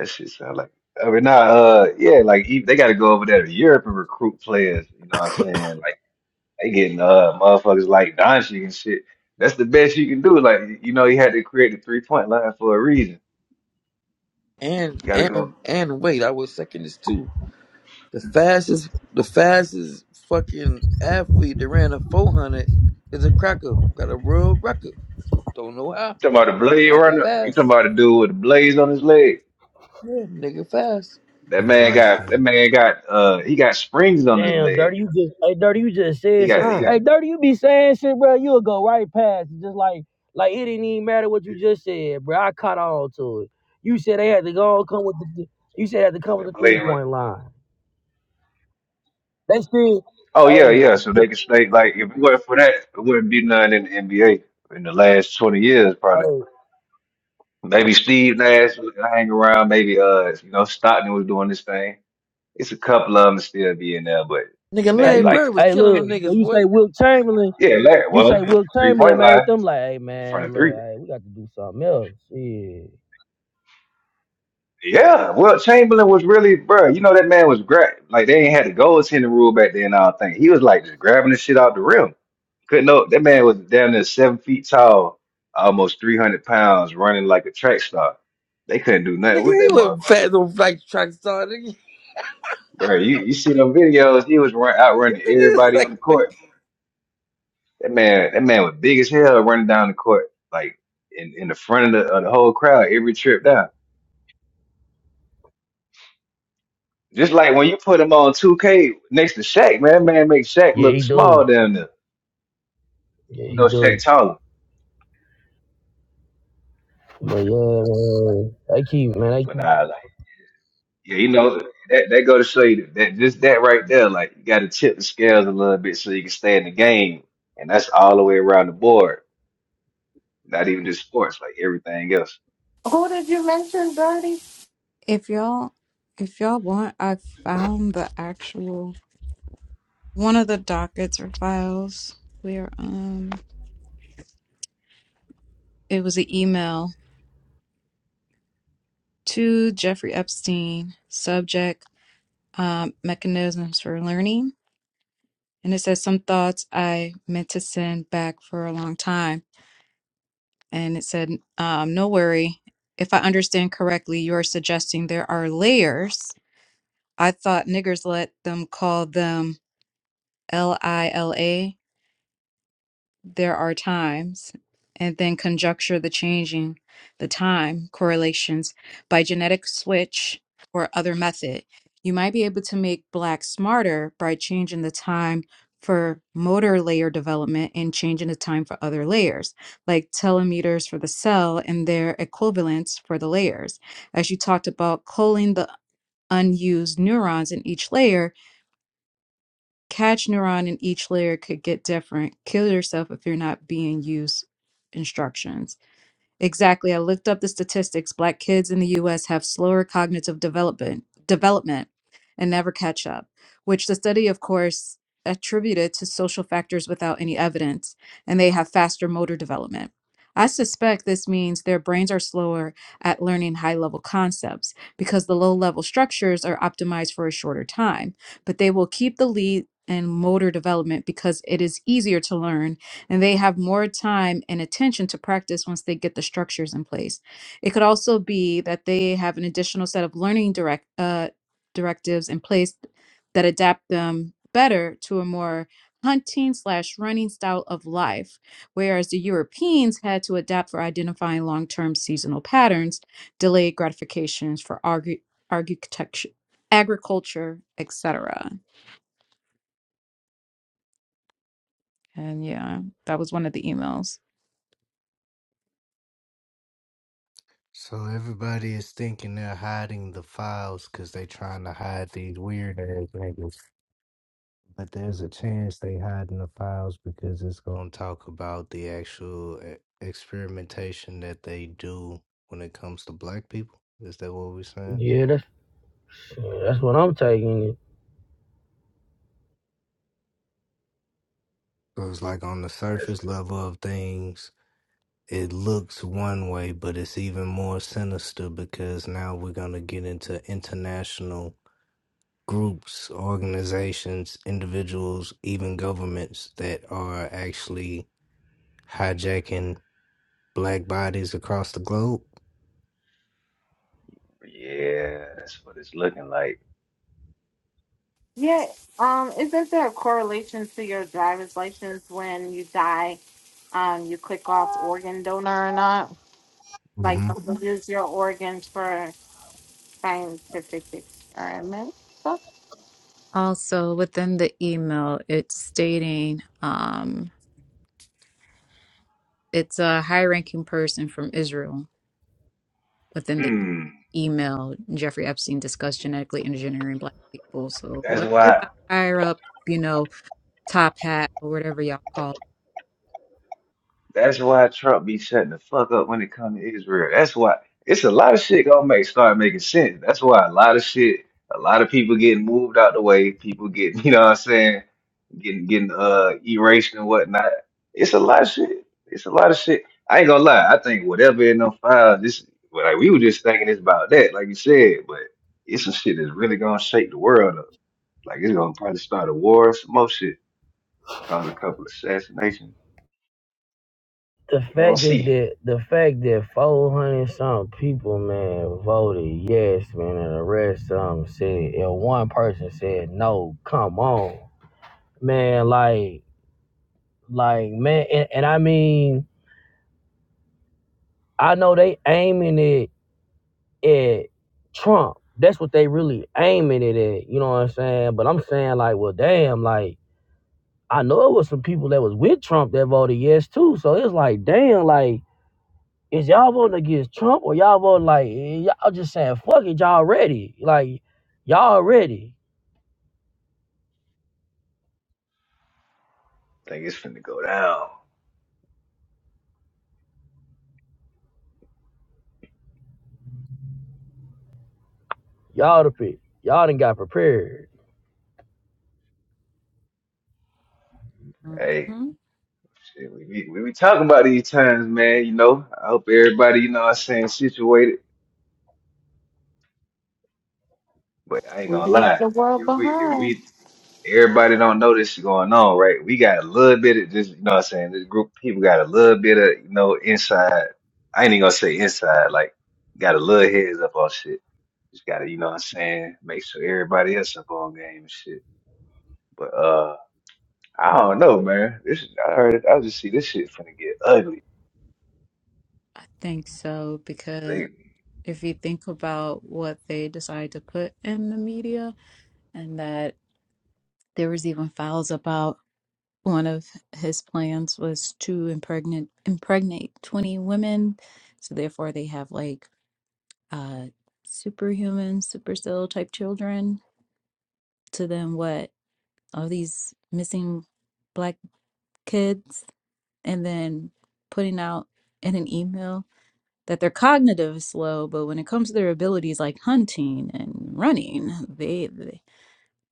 [SPEAKER 2] shit sound like. I mean, nah, uh, yeah, like, e- they gotta go over there to Europe and recruit players. You know what I'm saying? Like, They getting uh motherfuckers like Doncic and shit. That's the best you can do. Like you know, he had to create the three point line for a reason.
[SPEAKER 11] And
[SPEAKER 2] You gotta go.
[SPEAKER 11] and and wait, I was second this too. The fastest, the fastest fucking athlete that ran a four hundred is a cracker. Got a world record. Don't know how,
[SPEAKER 2] You talking about the
[SPEAKER 11] but a
[SPEAKER 2] blade
[SPEAKER 11] cracker
[SPEAKER 2] runner? You talking
[SPEAKER 11] fast.
[SPEAKER 2] about the dude with the blades on his leg?
[SPEAKER 11] Yeah, nigga fast.
[SPEAKER 4] It
[SPEAKER 2] That
[SPEAKER 4] was
[SPEAKER 2] man
[SPEAKER 4] light
[SPEAKER 2] got that
[SPEAKER 4] skinned.
[SPEAKER 2] man got uh he got springs on his
[SPEAKER 1] Damn,
[SPEAKER 2] leg.
[SPEAKER 1] dirty, you just hey, dirty, you just
[SPEAKER 2] He
[SPEAKER 1] said shit.
[SPEAKER 2] got he
[SPEAKER 4] Mm.
[SPEAKER 2] got
[SPEAKER 1] Hey, dirty, you be saying shit, bro. You'll go right past it, just like like it didn't even matter what you just said, bro. I caught on to it. You said they had to go and come with the. You said they had to come with
[SPEAKER 2] that
[SPEAKER 1] the
[SPEAKER 2] blade.
[SPEAKER 1] three
[SPEAKER 2] run-
[SPEAKER 1] point line. They still,
[SPEAKER 2] Oh yeah,
[SPEAKER 1] hey,
[SPEAKER 2] yeah. So they can stay like if it weren't for that, it wouldn't be none in the NBA in the last twenty years probably.
[SPEAKER 1] hey,
[SPEAKER 2] Maybe Steve Nash was hanging around. Maybe uh you know Stockton was doing this thing It's a couple of them still be in there, but
[SPEAKER 11] Nigga
[SPEAKER 1] hey,
[SPEAKER 2] maybe
[SPEAKER 11] Larry
[SPEAKER 1] you,
[SPEAKER 2] like
[SPEAKER 11] Bird was
[SPEAKER 1] hey,
[SPEAKER 11] killing
[SPEAKER 1] look.
[SPEAKER 11] them
[SPEAKER 1] So
[SPEAKER 11] niggas,
[SPEAKER 1] you say
[SPEAKER 11] boy.
[SPEAKER 1] Will Chamberlain.
[SPEAKER 2] yeah, Larry.
[SPEAKER 1] You say
[SPEAKER 2] Well,
[SPEAKER 1] Will
[SPEAKER 2] three
[SPEAKER 1] Chamberlain
[SPEAKER 2] point line
[SPEAKER 1] made them like, hey
[SPEAKER 2] from the
[SPEAKER 1] man, look,
[SPEAKER 2] three.
[SPEAKER 1] hey, we got to do something else. Yeah,
[SPEAKER 2] Yeah, well, Chamberlain was really, bro. You know that man was great. Like they ain't had the goaltending rule back then. and all thing. He was like just grabbing the shit out the rim. Couldn't know that man was down there seven feet tall, almost three hundred pounds, running like a track star. They couldn't do nothing
[SPEAKER 11] Nigga,
[SPEAKER 2] with
[SPEAKER 11] he
[SPEAKER 2] that
[SPEAKER 11] wasn't
[SPEAKER 2] motherfucker,
[SPEAKER 11] fast on like track star. Nigga,
[SPEAKER 2] bro. You you see them videos? He was run, out running
[SPEAKER 11] nigga
[SPEAKER 2] everybody
[SPEAKER 11] was
[SPEAKER 2] on the court.
[SPEAKER 11] like,
[SPEAKER 2] That man, that man was big as hell running down the court, like in, in the front of the, of the whole crowd every trip down. Just like when you put him on 2K next to Shaq, man, that man makes Shaq
[SPEAKER 1] yeah, he
[SPEAKER 2] look
[SPEAKER 1] do.
[SPEAKER 2] small down there.
[SPEAKER 1] Yeah,
[SPEAKER 2] You
[SPEAKER 1] he
[SPEAKER 2] know Shaq
[SPEAKER 1] do.
[SPEAKER 2] taller.
[SPEAKER 1] But yeah, man, they keep, man, they
[SPEAKER 2] But
[SPEAKER 1] keep.
[SPEAKER 2] nah, like, yeah, you know, that, that go to show you that just that right there, like you gotta tip the scales a little bit so you can stay in the game. And that's all the way around the board. Not even just sports, like everything else.
[SPEAKER 10] who did you mention, Birdie?
[SPEAKER 6] If y'all if y'all want, I found the actual one of the dockets or files where um it was an email to Jeffrey Epstein, subject um, mechanisms for learning. And it says some thoughts I meant to send back for a long time. And it said, um, no worry. If I understand correctly, you're suggesting there are layers. I thought niggers let them call them L I L A there are times, and then conjecture the changing, the time correlations by genetic switch or other method. You might be able to make black smarter by changing the time for motor layer development and changing the time for other layers, like telemeters for the cell and their equivalents for the layers. As you talked about, calling the unused neurons in each layer Catch neuron in each layer could get different, kill yourself if you're not being used instructions. Exactly. I looked up the statistics. Black kids in the US have slower cognitive development development and never catch up, which the study of course attributed to social factors without any evidence, and they have faster motor development. I suspect this means their brains are slower at learning high level concepts because the low level structures are optimized for a shorter time, but they will keep the lead in motor development because it is easier to learn and they have more time and attention to practice once they get the structures in place. It could also be that they have an additional set of learning direct uh, directives in place that adapt them better to a more hunting slash running style of life, whereas the Europeans had to adapt for identifying long term seasonal patterns, delayed gratifications for argu- architecture, agriculture, etc. And yeah, that was one of the emails.
[SPEAKER 4] So everybody is thinking they're hiding the files because they trying to hide these weird ass niggas. But there's a chance they hiding the files because it's going to talk about the actual e- experimentation that they do when it comes to black people. Is that what we're saying?
[SPEAKER 1] Yeah, that's Yeah, That's what I'm taking it.
[SPEAKER 4] So it's like on the
[SPEAKER 2] That's,
[SPEAKER 4] surface level of things, it looks one way, but it's even more sinister because now we're going to get into international groups, organizations, individuals, even governments that are actually hijacking black bodies across the globe.
[SPEAKER 2] yeah, that's what it's looking like.
[SPEAKER 10] Yeah. Um, isn't there a correlation to your driver's license when you die? Um, you click off organ donor or not? Like
[SPEAKER 4] hmm
[SPEAKER 10] you use your organs for scientific experiments. So,
[SPEAKER 6] Also, within the email, it's stating um, it's a high ranking person from Israel. Within the
[SPEAKER 2] Hmm.
[SPEAKER 6] email, Jeffrey Epstein discussed genetically engineering black people. So,
[SPEAKER 2] That's
[SPEAKER 6] whoever
[SPEAKER 2] why.
[SPEAKER 6] the higher up, you know, top hat or whatever y'all call it.
[SPEAKER 2] That's why Trump be shutting the fuck up when it comes to Israel. That's why it's a lot of shit gonna make start making sense. That's why a lot of shit, a lot of people getting moved out the way, people getting, you know what I'm saying, getting getting uh erased and whatnot. It's a lot of shit. It's a lot of shit. I ain't gonna lie. I think whatever in them files, this well, like we were just thinking it's about that, like you said, but it's some shit that's really gonna shake the world up. Like it's gonna probably start a war or some more shit, cause a couple assassinations.
[SPEAKER 1] The
[SPEAKER 2] We gonna
[SPEAKER 1] fact that
[SPEAKER 2] see.
[SPEAKER 1] the, the fact that 400 some people, man, voted yes, man, and the rest of them said, and one person said no. Come on, man, like, like, man, and, and I mean, I know they aiming it at Trump. That's what they really aiming it at. You know what I'm saying? But I'm saying like, well, damn, like, I know it was some people that was with Trump that voted yes too. So it's like, damn, like. Is y'all voting against Trump or y'all voting like eh, y'all just saying fuck it, y'all ready? Like y'all ready?
[SPEAKER 2] think it's finna go down.
[SPEAKER 1] Y'all the pick. Y'all done got prepared.
[SPEAKER 2] Hey,
[SPEAKER 6] hmm
[SPEAKER 2] shit, we be, we be talking about these times, man. You know, I hope everybody, you know, what I'm saying situated. But I ain't gonna
[SPEAKER 10] leave
[SPEAKER 2] lie,
[SPEAKER 10] the world
[SPEAKER 2] if we if
[SPEAKER 10] behind.
[SPEAKER 2] we everybody don't know this shit going on, right? We got a little bit of this, you know, what I'm saying this group of people got a little bit of you know inside. I ain't even gonna say inside, like got a little heads up on shit. Just gotta, you know, what I'm saying, make sure everybody else up on game and shit. But uh, I don't know, man. This I heard, I just see this shit finna get ugly.
[SPEAKER 6] I think so,
[SPEAKER 2] They
[SPEAKER 6] because if you think about what they decide to put in the media, and that there was even files about one of his plans was to impregnate impregnate 20 women so therefore they have like uh superhuman supercell type children to then what all these missing black kids and then putting out in an email that their cognitive is slow but when it comes to their abilities like hunting and running they, they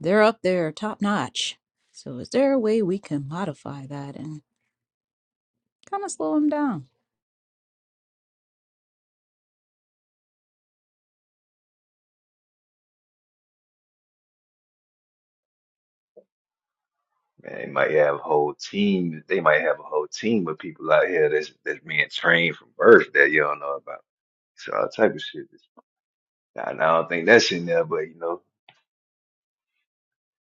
[SPEAKER 6] they're up there top notch so is there a way we can modify that and kind of slow them down
[SPEAKER 2] man, they might have whole teams. They might have a whole team of people out here that's that's being trained from birth that you don't know about. So all type of shit. I I don't think that's in there, but you know,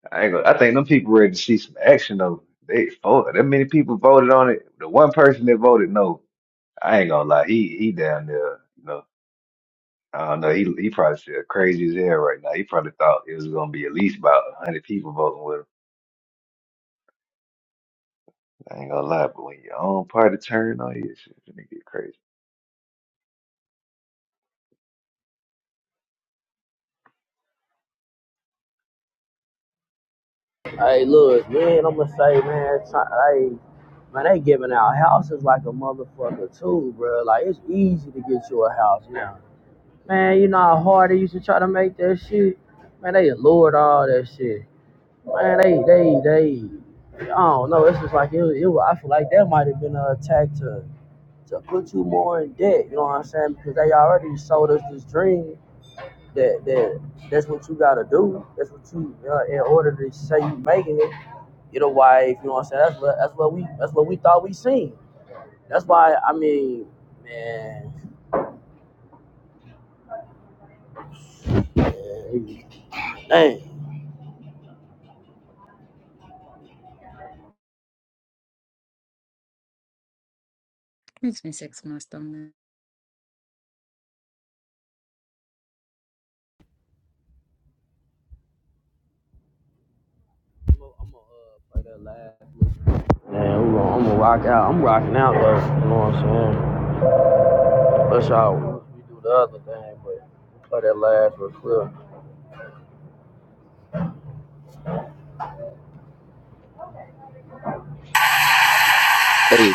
[SPEAKER 2] I ain't gonna, I think them people ready to see some action though. They voted. That many people voted on it. The one person that voted no, I ain't gonna lie. He he down there. You know, I don't know. He he probably feel crazy as hell right now. He probably thought it was gonna be at least about a hundred people voting with him. I ain't gonna lie, but when your own party turn on you, shit, it get crazy.
[SPEAKER 1] Hey, look, man, I'm gonna say, man, hey, man, they giving out houses like a motherfucker too, bro. Like it's easy to get you a house now. Man, you know how hard they used to try to make that shit. Man, they lured all that shit. Man, they, they, they. I don't know. It's just like it. was- it was, I feel like that might have been an attack to to put you more in debt. You know what I'm saying? Because they already sold us this dream that that that's what you gotta do. That's what you uh, in order to say you making it. Get a wife. You know what I'm saying? That's what that's what we that's what we thought we seen. That's why I mean, man, man, dang.
[SPEAKER 6] It's been six months, don't
[SPEAKER 1] I'm gonna uh, play that last. Man, I'm gonna, I'm gonna rock out. I'm rocking out though. You know what I'm saying? Let's y'all. we do the other thing, but play that last real quick.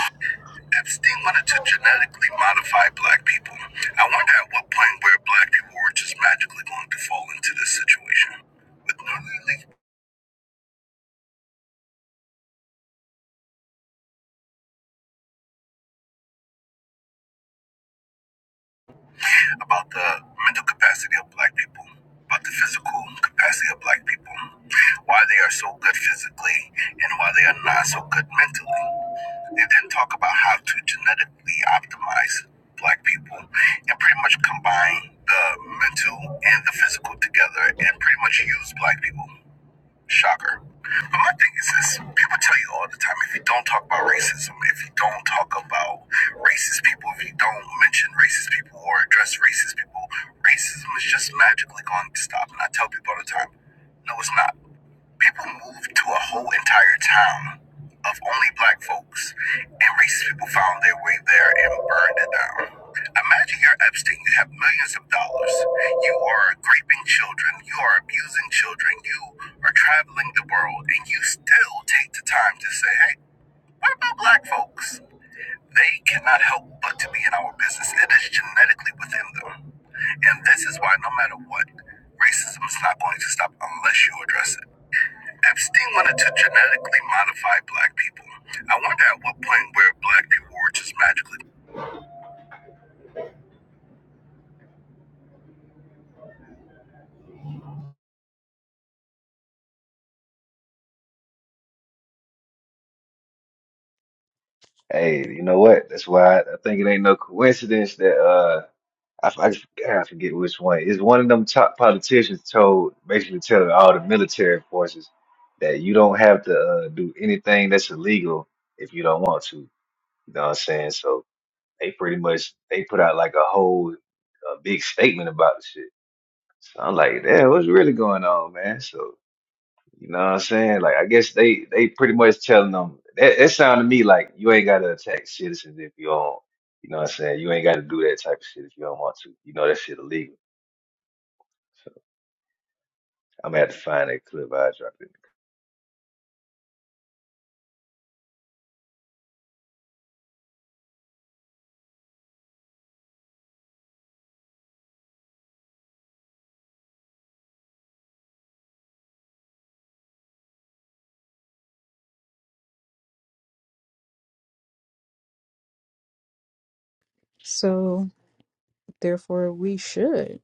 [SPEAKER 1] Epstein wanted to genetically modify black people. I wonder at what point where black people were just magically going to fall into this situation. With no really about the mental capacity of black people, about the physical capacity of black people, why they are so good physically and why they are not so good mentally. They then talk about how to genetically optimize black people and pretty much combine the mental and the physical together and pretty much use black people. Shocker. But my thing is this people tell you all the time if you don't talk about racism, if you don't talk about racist people, if you don't mention racist people or address racist people, racism is just magically going to stop. And I tell people all the time, no, it's not. People moved to a whole entire town of only black folks, and racist people found their way there and burned it down. Imagine you're Epstein, you have millions of dollars, you are raping children, you are abusing children, you are traveling the world, and you still take the time to say, hey, what about black folks? They cannot help but to be in our business. It is genetically within them. And this is why, no matter what, racism is not going to stop unless you address it. Epstein wanted to genetically modify black people. I wonder at what point where black people were just magically.
[SPEAKER 2] Hey, you know what? That's why I, I think it ain't no coincidence that uh I, f- I just God, I forget which one. It's one of them top politicians told basically telling all the military forces that you don't have to uh, do anything that's illegal if you don't want to. You know what I'm saying? So they pretty much they put out like a whole uh big statement about the shit. So I'm like, damn, what's really going on, man? So you know what I'm saying? Like, I guess they they pretty much telling them that, that sound to me like you ain't gotta attack citizens if you don't. You know what I'm saying? You ain't gotta do that type of shit if you don't want to. You know that shit illegal. So I'm gonna have to find that clip I dropped it.
[SPEAKER 6] So, therefore, we should,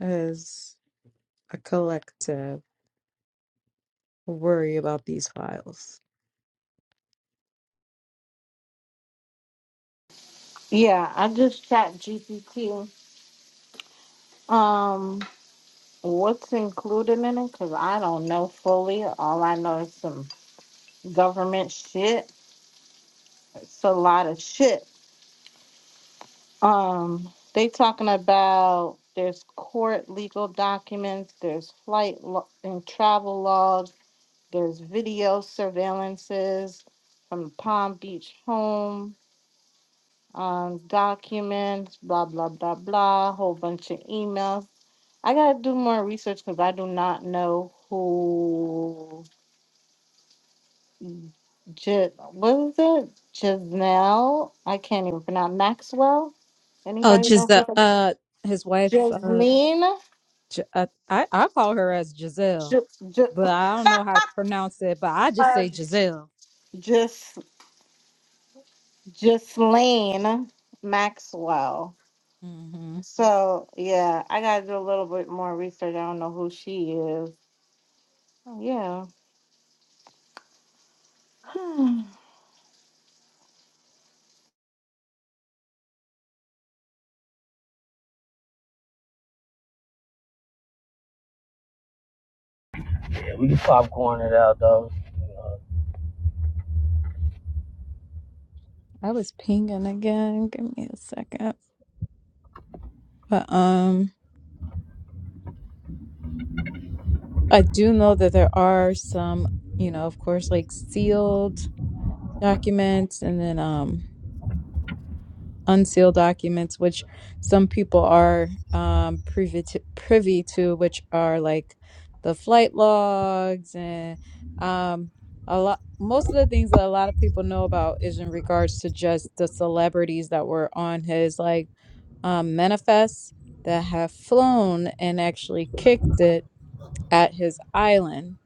[SPEAKER 6] as a collective, worry about these files.
[SPEAKER 10] Yeah, I just chat GPT Um, what's included in it? Because I don't know fully. All I know is some government shit. It's a lot of shit. Um, they talking about there's court legal documents, there's flight lo- and travel logs, there's video surveillances from the Palm Beach home, um, documents, blah blah blah blah, whole bunch of emails. I gotta do more research because I do not know who. J- what is it? Jasnell? I can't even pronounce Maxwell.
[SPEAKER 6] Oh,
[SPEAKER 10] Anybody know who
[SPEAKER 6] Giselle,
[SPEAKER 10] that?
[SPEAKER 6] uh, his wife, uh,
[SPEAKER 10] Jasleen?
[SPEAKER 6] G- uh, I, I call her as Giselle,
[SPEAKER 10] J-
[SPEAKER 6] but
[SPEAKER 10] J-
[SPEAKER 6] I don't know how to pronounce it, but I just
[SPEAKER 10] uh,
[SPEAKER 6] say Giselle.
[SPEAKER 10] just Justine Maxwell.
[SPEAKER 6] hmm
[SPEAKER 10] So yeah, I gotta do a little bit more research. I don't know who she is. Oh, Yeah. Hmm.
[SPEAKER 1] Yeah, we can popcorn it out though. you
[SPEAKER 6] I was pinging again. Give me a second. But um, I do know that there are some, you know, of course, like sealed documents, and then um. unsealed documents, which some people are um, privy to, privy to, which are like the flight logs and um, a lot. Most of the things that a lot of people know about is in regards to just the celebrities that were on his like um, manifest that have flown and actually kicked it at his island.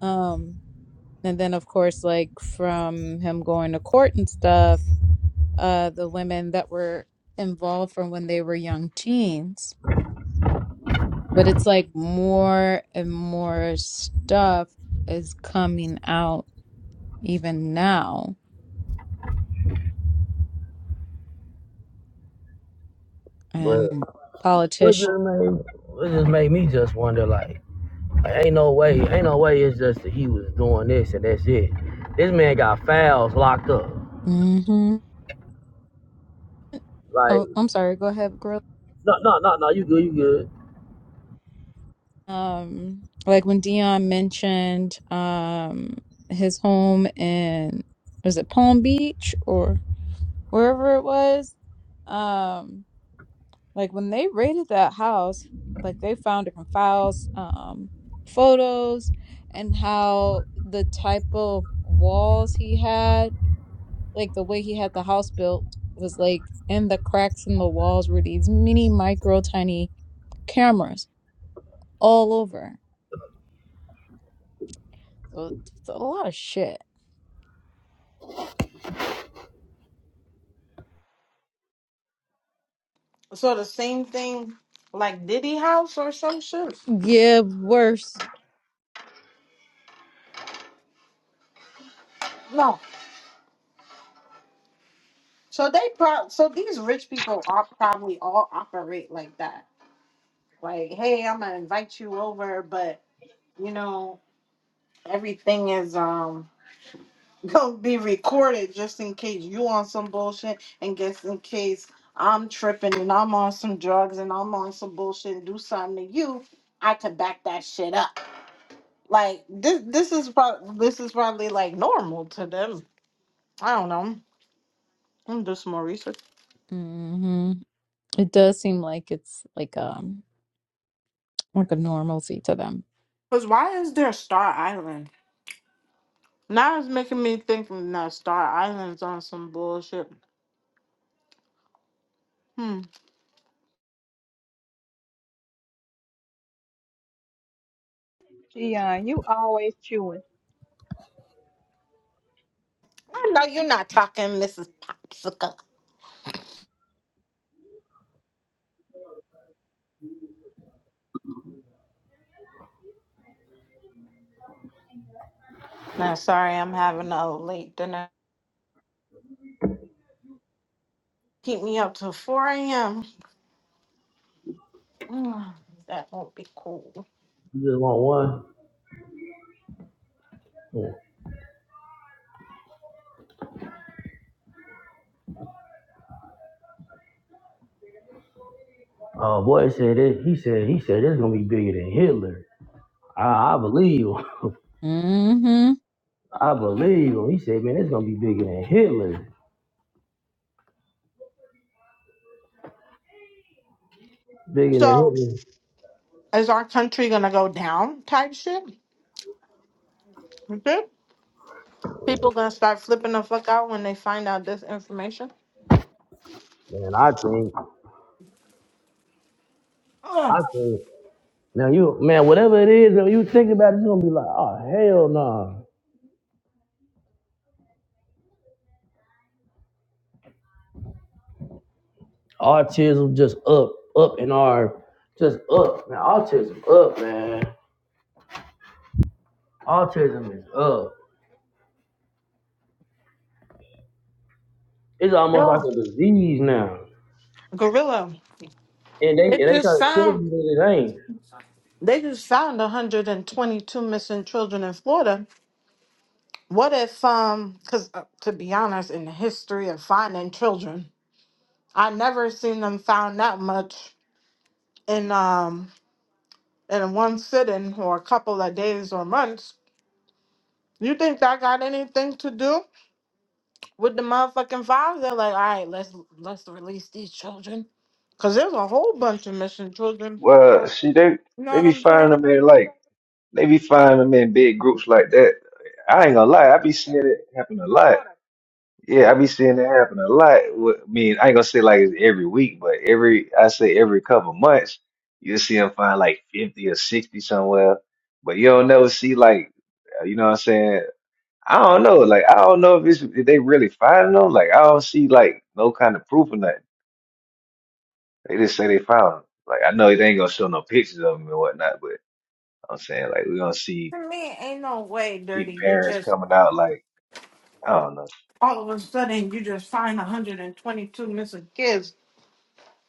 [SPEAKER 6] Um, and then of course, like from him going to court and stuff uh, the women that were involved from when they were young teens. But it's like more and more stuff is coming out even now,
[SPEAKER 1] But
[SPEAKER 6] and
[SPEAKER 1] what
[SPEAKER 6] politicians.
[SPEAKER 1] just made what just made me just wonder like ain't no way ain't no way it's just that he was doing this and that's it. This man got fouls locked up.
[SPEAKER 6] hmm
[SPEAKER 1] Like
[SPEAKER 6] Oh, I'm sorry. Go ahead, girl.
[SPEAKER 1] no no no no you good you good.
[SPEAKER 6] Um, like when Dion mentioned um his home in was it Palm Beach or wherever it was, um. Like when they raided that house, like they found different files, um, photos, and how the type of walls he had, like the way he had the house built, was like in the cracks in the walls were these mini, micro, tiny cameras all over. So it's a lot of shit.
[SPEAKER 10] so the same thing like Diddy House or some shit.
[SPEAKER 6] Yeah, worse.
[SPEAKER 10] No. So they pro. So these rich people are probably all operate like that. like, hey, I'm gonna invite you over, but you know, everything is um gonna be recorded just in case you on some bullshit and just in case I'm tripping and I'm on some drugs and I'm on some bullshit and do something to you, I could back that shit up. Like this this is probably this is probably like normal to them. I don't know. I'm gonna do some more research.
[SPEAKER 6] hmm It does seem like it's like um like a normalcy to them.
[SPEAKER 10] Cause why is there Star Island? Now it's making me think that Star Island's on some bullshit. Hmm.
[SPEAKER 5] Dion, you always chewing.
[SPEAKER 10] I know you're not talking, Mrs. Popsicle. No, sorry, I'm having a late dinner. Keep me up till 4 a.m. Mm, That won't be cool.
[SPEAKER 1] You just want one. Yeah. Oh boy he said it, he said he said it's gonna be bigger than Hitler. I, I believe him.
[SPEAKER 6] Mm-hmm.
[SPEAKER 1] I believe him. He said, man, it's gonna be bigger than Hitler, bigger than
[SPEAKER 10] So,
[SPEAKER 1] Hitler.
[SPEAKER 10] is our country gonna go down type shit? Okay. People gonna start flipping the fuck out when they find out this information?
[SPEAKER 1] Man, I think, I
[SPEAKER 10] Oh,
[SPEAKER 1] think. Now you, man, whatever it is, when you think about it, you're gonna be like, oh hell no. Autism just up, up in our, just up. Man, autism up, man. Autism is up. It's almost like
[SPEAKER 10] yeah.
[SPEAKER 1] a disease now,
[SPEAKER 10] Gorilla.
[SPEAKER 1] and they
[SPEAKER 10] They
[SPEAKER 1] and they try
[SPEAKER 10] just
[SPEAKER 1] to tell
[SPEAKER 10] found
[SPEAKER 1] you that it ain't.
[SPEAKER 10] they just found 122 missing children in Florida. What if um? Because uh, to be honest, in the history of finding children. I never seen them found that much in um in one sitting or a couple of days or months. You think that got anything to do with the motherfucking files? They're like, all right, let's let's release these children, cause there's a whole bunch of missing children.
[SPEAKER 2] Well, see, they
[SPEAKER 10] You know
[SPEAKER 2] they
[SPEAKER 10] what
[SPEAKER 2] be
[SPEAKER 10] I'm saying?
[SPEAKER 2] finding them in like they be finding them in big groups like that. I ain't gonna lie, I be seeing it happen a lot. Yeah, I be seeing it happen a lot. Wh- I mean, I ain't gonna say like it's every week, but every I say every couple months, you'll see them find like 50 or 60 somewhere. But you don't never see like, uh, you know what I'm saying? I don't know. Like, I don't know if it's if they really finding them. Like, I don't see like no kind of proof or nothing. They just say they found them. Like, I know they ain't gonna show no pictures of them and whatnot, but I'm saying like we gonna see
[SPEAKER 10] To me, ain't no way,
[SPEAKER 2] pe
[SPEAKER 10] dirty. You
[SPEAKER 2] parents
[SPEAKER 10] just
[SPEAKER 2] coming out like, I don't know.
[SPEAKER 10] all of a sudden you just find 122 missing kids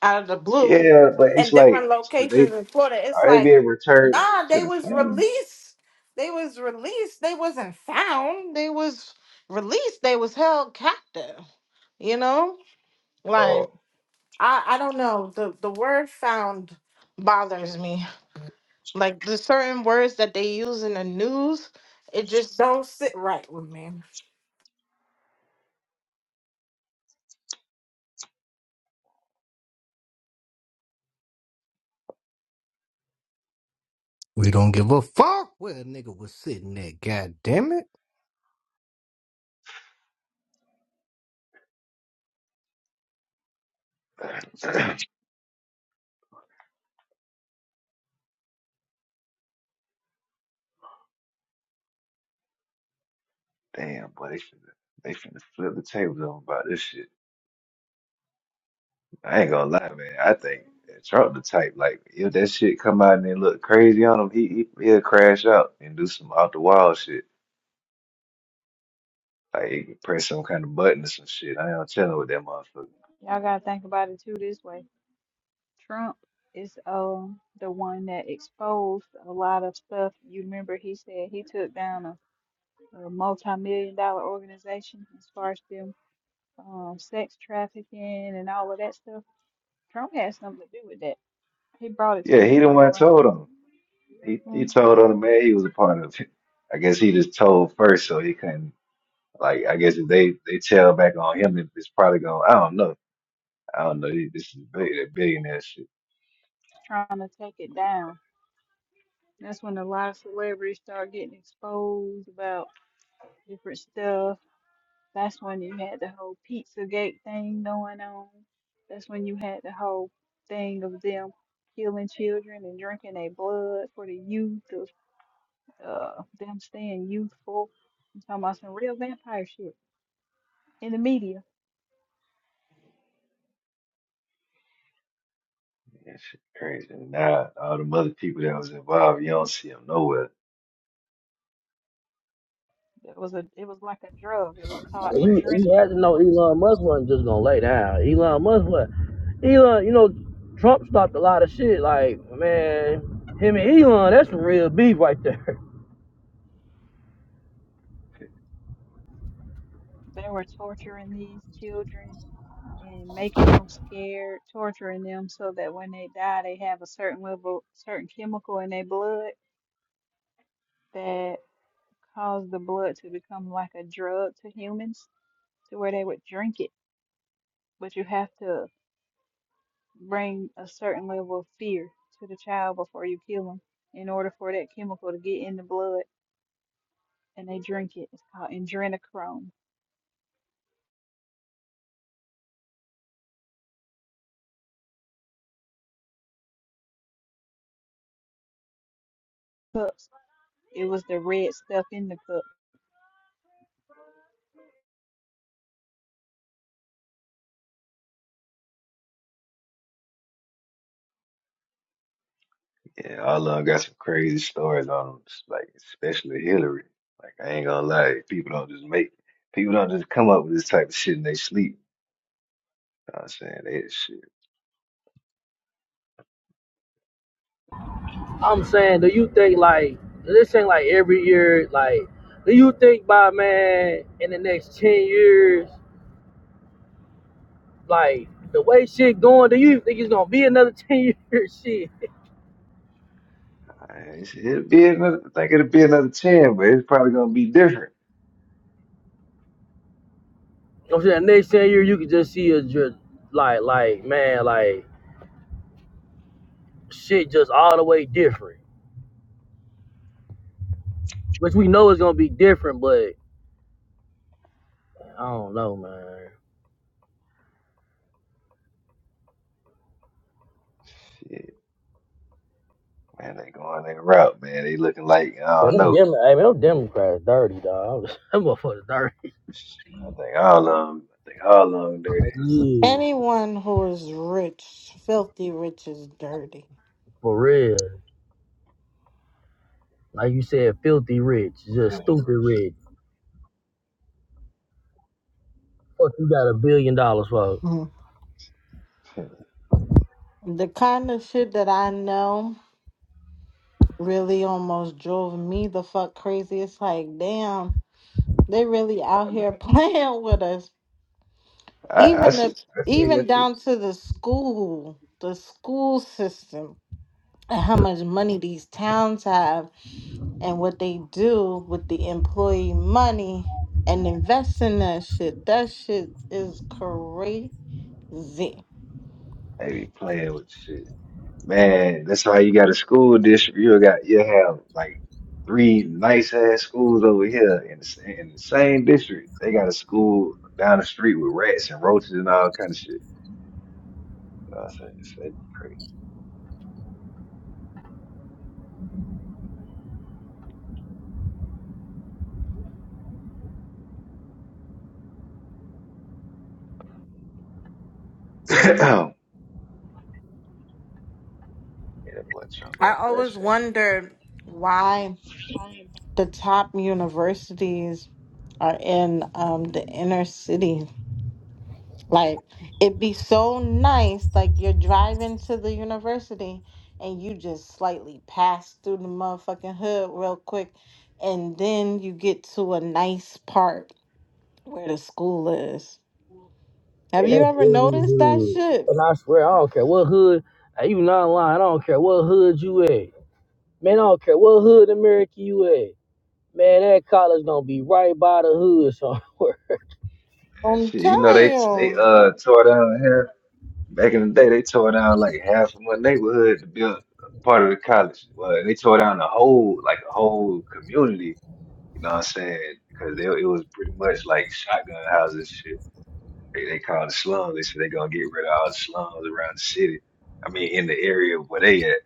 [SPEAKER 10] out of the blue
[SPEAKER 2] Yeah, but
[SPEAKER 10] in
[SPEAKER 2] it's
[SPEAKER 10] different
[SPEAKER 2] like so
[SPEAKER 10] locations
[SPEAKER 2] they.
[SPEAKER 10] in Florida. It's
[SPEAKER 2] Are they
[SPEAKER 10] like,
[SPEAKER 2] being returned
[SPEAKER 10] nah,
[SPEAKER 2] to
[SPEAKER 10] they
[SPEAKER 2] the
[SPEAKER 10] was
[SPEAKER 2] Saints?
[SPEAKER 10] released. They was released. They wasn't found. They was released. They was held captive. You know? Like
[SPEAKER 2] Oh,
[SPEAKER 10] I, I don't know. The the word found bothers me. Like the certain words that they use in the news, it just don't sit right with me.
[SPEAKER 4] We don't give a fuck where a nigga was sitting at, god damn it.
[SPEAKER 2] damn, boy, they finna, they finna flip the tables on about this shit. I ain't gonna lie,
[SPEAKER 5] Well,
[SPEAKER 2] man. I think that Trump the type, like, if that shit come out and they look crazy on him, he, he, he'll crash out and do some out the wall shit. Like, he can press some kind of button or some shit. I ain't no telling what that motherfucker.
[SPEAKER 5] Y'all gotta think about it too this way. Trump is um the one that exposed a lot of stuff. You remember he said he took down a, a multi-million dollar organization as far as them um sex trafficking and all of that stuff. Trump had something to do with that. He brought it to
[SPEAKER 2] Yeah,
[SPEAKER 5] the
[SPEAKER 2] he the one
[SPEAKER 5] forefront.
[SPEAKER 2] told him. He, he
[SPEAKER 5] Mhm.
[SPEAKER 2] told on the man he was a part of it. I guess he just told first, so he couldn't. Like I guess if they they tell back on him, it- it's probably going. I don't know. I don't know. This is big, that billionaire shit.
[SPEAKER 5] Trying to take it down. That's when a lot of celebrities start getting exposed about different stuff That's when you had the whole Pizzagate thing going on. That's when you had the whole thing of them killing children and drinking their blood for the youth of uh, them staying youthful. I'm talking about some real vampire shit in the media.
[SPEAKER 2] That shit crazy. And now all the other people that was involved, you don't see them nowhere.
[SPEAKER 5] It was a it was like a drug. It was
[SPEAKER 2] See the
[SPEAKER 5] called
[SPEAKER 1] You
[SPEAKER 2] Clintons.
[SPEAKER 5] Andrena.
[SPEAKER 1] you had to know Elon Musk wasn't just gonna lay down. Elon Musk was Elon, you know, Trump stopped a lot of shit. Like, man, him and Elon, that's some real beef right there.
[SPEAKER 5] They were torturing these children and making them scared, torturing them so that when they die, they have a certain level, certain chemical in their blood that. cause the blood to become like a drug to humans to where they would drink it. But you have to bring a certain level of fear to the child before you kill them in order for that chemical to get in the blood and they drink it. It's called adrenochrome cups. It was the red stuff in the cup.
[SPEAKER 2] Yeah, all of them got some crazy stories on them. Like especially Hillary. Like I ain't gonna lie, people don't just make people don't just come up with this type of shit in they sleep. You know what I'm saying that shit.
[SPEAKER 1] I'm saying, do you think like this ain't like every year, like do you think by man in the next ten years, like the way shit going, do you think it's gonna be another ten year shit?
[SPEAKER 2] I- it's- It'll be another. I think it'll be another ten, but it's probably gonna be different.
[SPEAKER 1] I'm saying the next ten years, you could just see a just like like man, like shit just all the way different. which we know is gonna be different, but I don't know, man.
[SPEAKER 2] Shit, man, they going their route, man. They looking like I
[SPEAKER 1] But
[SPEAKER 2] don't
[SPEAKER 1] them
[SPEAKER 2] know.
[SPEAKER 1] Dem, hey, man, them Democrats dirty, dog. Them motherfuckers dirty.
[SPEAKER 2] I think all of them. I think all of them dirty.
[SPEAKER 1] Like, Yeah,
[SPEAKER 10] Anyone who is rich, filthy rich is dirty.
[SPEAKER 1] for real. Like you said, filthy rich, just
[SPEAKER 2] Feeling
[SPEAKER 1] stupid rich.
[SPEAKER 2] rich.
[SPEAKER 1] Fuck, you got a billion dollars for,
[SPEAKER 10] Hmm. The kind of shit that I know. really almost drove me the fuck crazy. It's like, damn, they really out here playing with us.
[SPEAKER 2] I, I
[SPEAKER 10] Even the
[SPEAKER 2] see. I seen
[SPEAKER 10] even
[SPEAKER 2] that shit.
[SPEAKER 10] down to the school, the school system, and how much money these towns have and what they do with the employee money and invest in that shit. That shit is crazy.
[SPEAKER 2] They be playing with shit. Man, that's why you got a school district. You got you have like three nice ass schools over here in the, sa- in the same district. They got a school down the street with rats and roaches and all kind of shit. I said, this- that'd be crazy. yeah, that boy Trump gonna
[SPEAKER 10] I always
[SPEAKER 2] crash up.
[SPEAKER 10] wondered why the top universities are in um, the inner cities Like it'd be so nice, like you're driving to the university and you just slightly pass through the motherfucking hood real quick, and then you get to a nice part where the school is. Have
[SPEAKER 1] and
[SPEAKER 10] you
[SPEAKER 1] that's
[SPEAKER 10] ever
[SPEAKER 1] every
[SPEAKER 10] noticed that
[SPEAKER 1] hood.
[SPEAKER 10] shit?
[SPEAKER 1] And I swear, I don't care what hood. Hey, you not lying. I don't care what hood you at. Man, I don't care what hood America you at. Man, that college gonna be right by the hood somewhere.
[SPEAKER 2] And
[SPEAKER 10] I'm
[SPEAKER 2] shit, you know
[SPEAKER 10] telling
[SPEAKER 2] they they
[SPEAKER 10] you.
[SPEAKER 2] uh tore down here. Back in the day, they tore down like half of my neighborhood to build part of the college. Well, they tore down the whole like a whole community. You know what I'm saying? Because they, it was pretty much like shotgun houses and shit. They, they called the slums. They said they gonna get rid of all the slums around the city. I mean, in the area where they at.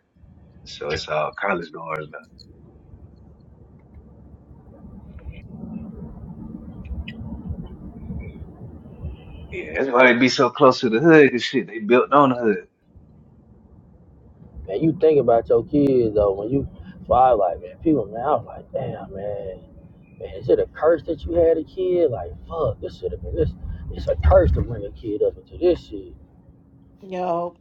[SPEAKER 2] So it's all college goers now. Yeah, that's why they be so close to the hood. 'cause shit, they built on the
[SPEAKER 1] Man, you think about your kids though when you so I was like, man, people man, I was like, damn man, man, is it a curse that you had a kid? Like, fuck, this should have been this it's a curse to bring a kid up into this shit.
[SPEAKER 10] Yo,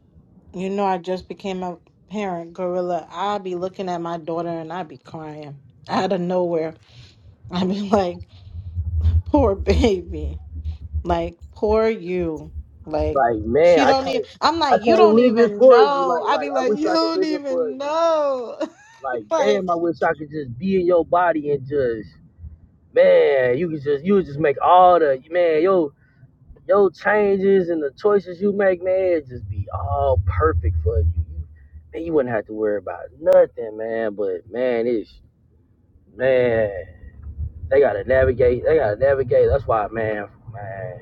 [SPEAKER 10] you know I just became a parent, gorilla. i be looking at my daughter and i be crying out of nowhere. i be like, poor baby. Like, poor you. Like,
[SPEAKER 1] Like, man,
[SPEAKER 10] she
[SPEAKER 1] I
[SPEAKER 10] don't
[SPEAKER 1] can't
[SPEAKER 10] even. I'm
[SPEAKER 1] I
[SPEAKER 10] like, you
[SPEAKER 1] can't
[SPEAKER 10] don't
[SPEAKER 1] live it
[SPEAKER 10] even
[SPEAKER 1] for you.
[SPEAKER 10] know.
[SPEAKER 1] Like
[SPEAKER 10] I
[SPEAKER 1] like
[SPEAKER 10] be
[SPEAKER 1] I
[SPEAKER 10] like,
[SPEAKER 1] wish
[SPEAKER 10] you
[SPEAKER 1] I could
[SPEAKER 10] don't
[SPEAKER 1] live it for
[SPEAKER 10] even
[SPEAKER 1] you.
[SPEAKER 10] know.
[SPEAKER 1] Like,
[SPEAKER 10] like,
[SPEAKER 1] damn, I wish I could just be in your body and just man, you could just you would just make all the man, yo your changes and the choices you make, man, it just be all perfect for you. You- Man, you wouldn't have to worry about nothing, man. But man, it's man, they gotta navigate. They gotta navigate. That's why, man, man,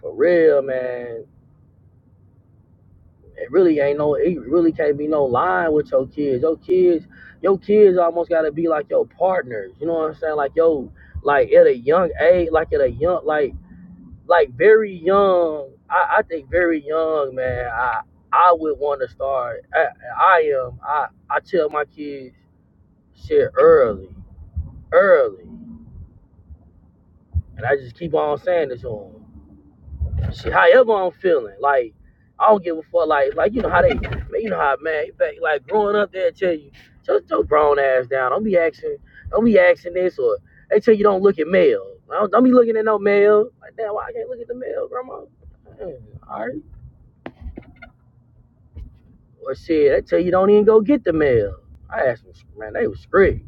[SPEAKER 1] for real, man. It really ain't no. It really can't be no line with your kids. Your kids, your kids almost gotta be like your partners. You know what I'm saying? Like yo, like at a young age, like at a young, like like very young. I, I think very young, man. I I would want to start. I, I am. I I tell my kids shit early, early, and I just keep on saying this to them. Shit, however I'm feeling, like I don't give a fuck. Like like you know how they, you know how man, back, like growing up they tell you, shut your grown ass down. Don't be asking, don't be asking this or they tell you don't look at mail. Don't, don't be looking at no mail. Like damn, why I can't look at the mail, grandma? Mm, All right. Or shit, they tell you don't even go get the mail. I asked them, man, they was strict.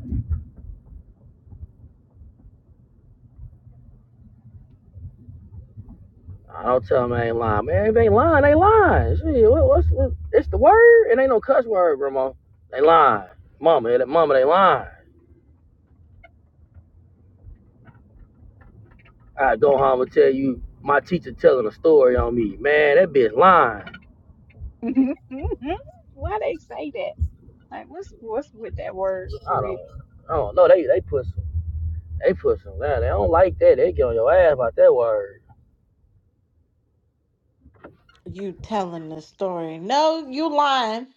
[SPEAKER 1] I don't tell them I ain't lying, man. If they ain't lying, they lying. Shit, what, what's what, it's the word? It ain't no cuss word, Ramo. They lying, mama. That mama, they lying. I go home and tell you my teacher telling a story on me, man. That bitch lying.
[SPEAKER 5] Why they say that? Like what's what's with that word for
[SPEAKER 1] I
[SPEAKER 5] real?
[SPEAKER 1] don't, I don't know. They they put some, they put some down. They don't like that. They get on your ass about that word.
[SPEAKER 10] you telling the story. No, you lying.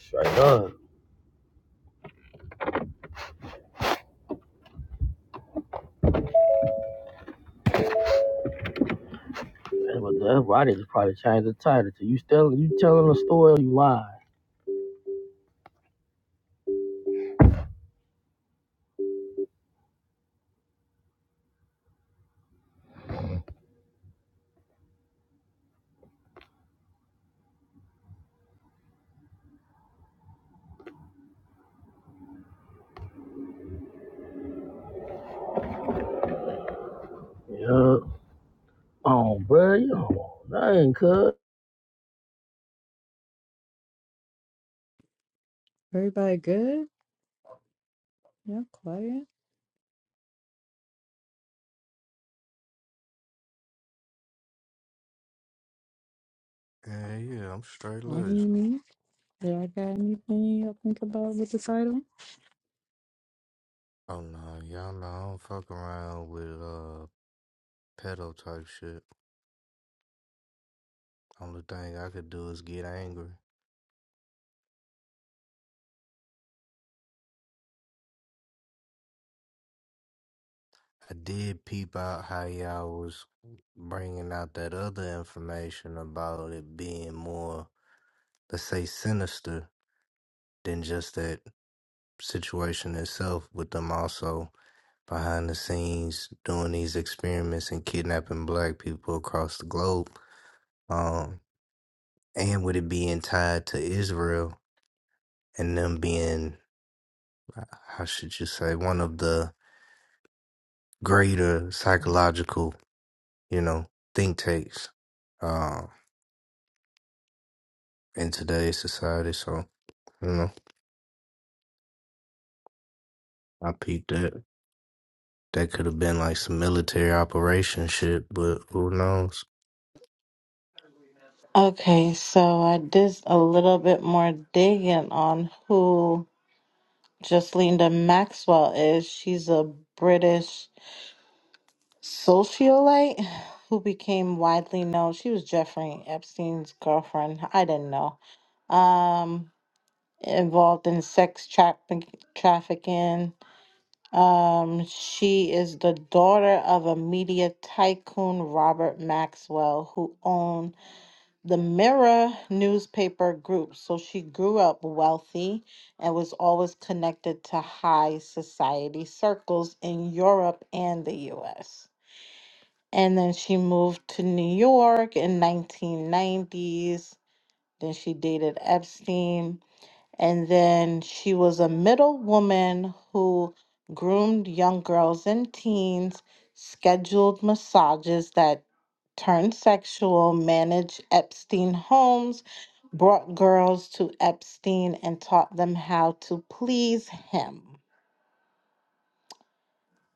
[SPEAKER 1] Straight up. That's what- I need to probably change the title to you telling you telling a story or you lying. Yeah. Oh, bro. You that, ain't cuz.
[SPEAKER 6] Everybody good? Yeah, quiet.
[SPEAKER 4] Yeah, yeah, I'm straight
[SPEAKER 6] What do
[SPEAKER 4] laced.
[SPEAKER 6] Do I got anything I think about with the title?
[SPEAKER 4] Oh no, y'all know I don't fuck around with uh pedo type shit. Only thing I could do is get angry. I did peep out how y'all was bringing out that other information about it being more, let's say, sinister than just that situation itself, with them also behind the scenes doing these experiments and kidnapping black people across the globe. Um, and with it being tied to Israel and them being, how should you say, one of the greater psychological, you know, think tanks Um, in today's society. So, you know, I peeped that. That could have been like some military operation shit, but who knows?
[SPEAKER 10] Okay, so I did a little bit more digging on who Jocelynda Maxwell is. She's a British socialite who became widely known. She was Jeffrey Epstein's girlfriend. I didn't know. Um, involved in sex traffic trafficking. Um, she is the daughter of a media tycoon, Robert Maxwell, who owned the Mirror newspaper group. So she grew up wealthy and was always connected to high society circles in Europe and the US. And then she moved to New York in 1990s. Then she dated Epstein and then she was a middle woman who groomed young girls and teens, scheduled massages that turned sexual, managed Epstein homes, brought girls to Epstein, and taught them how to please him.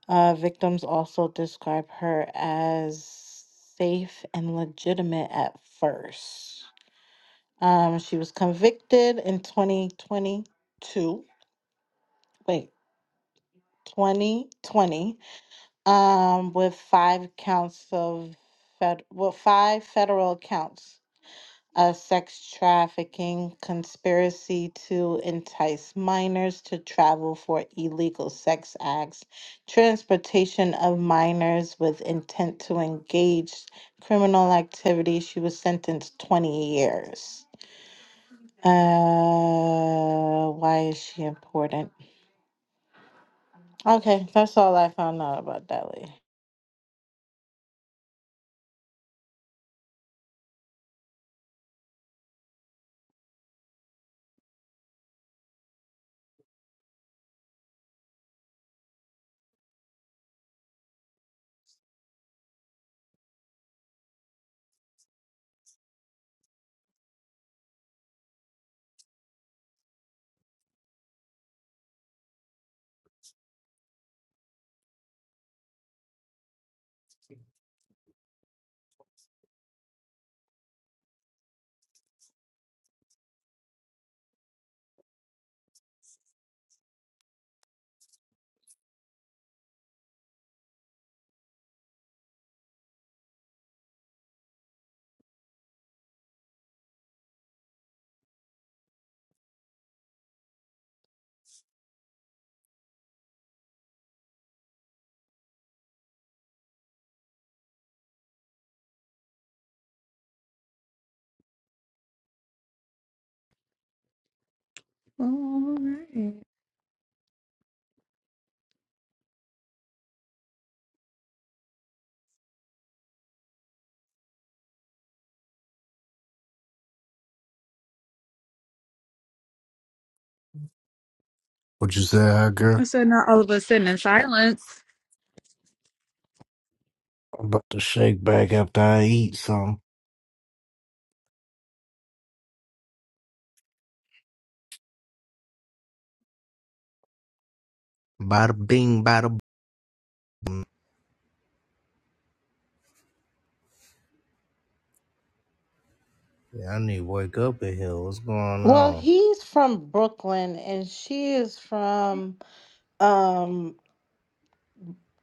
[SPEAKER 10] Uh, victims also describe her as safe and legitimate at first. Um, she was convicted in 2022. Wait, 2020 um, with five counts of fed- well, five federal counts of sex trafficking, conspiracy to entice minors to travel for illegal sex acts, transportation of minors with intent to engage criminal activity. She was sentenced 20 years. Uh, why is she important? Okay, that's all I found out about Delhi.
[SPEAKER 6] Oh, all right.
[SPEAKER 4] What you say, hot
[SPEAKER 6] I
[SPEAKER 4] girl?
[SPEAKER 6] said not all of us sitting in silence.
[SPEAKER 4] I'm about to shake back after I eat some. Bada bing, bada boom. Yeah, I need to wake up in here. What's going
[SPEAKER 10] Well,
[SPEAKER 4] on?
[SPEAKER 10] he's from Brooklyn and she is from um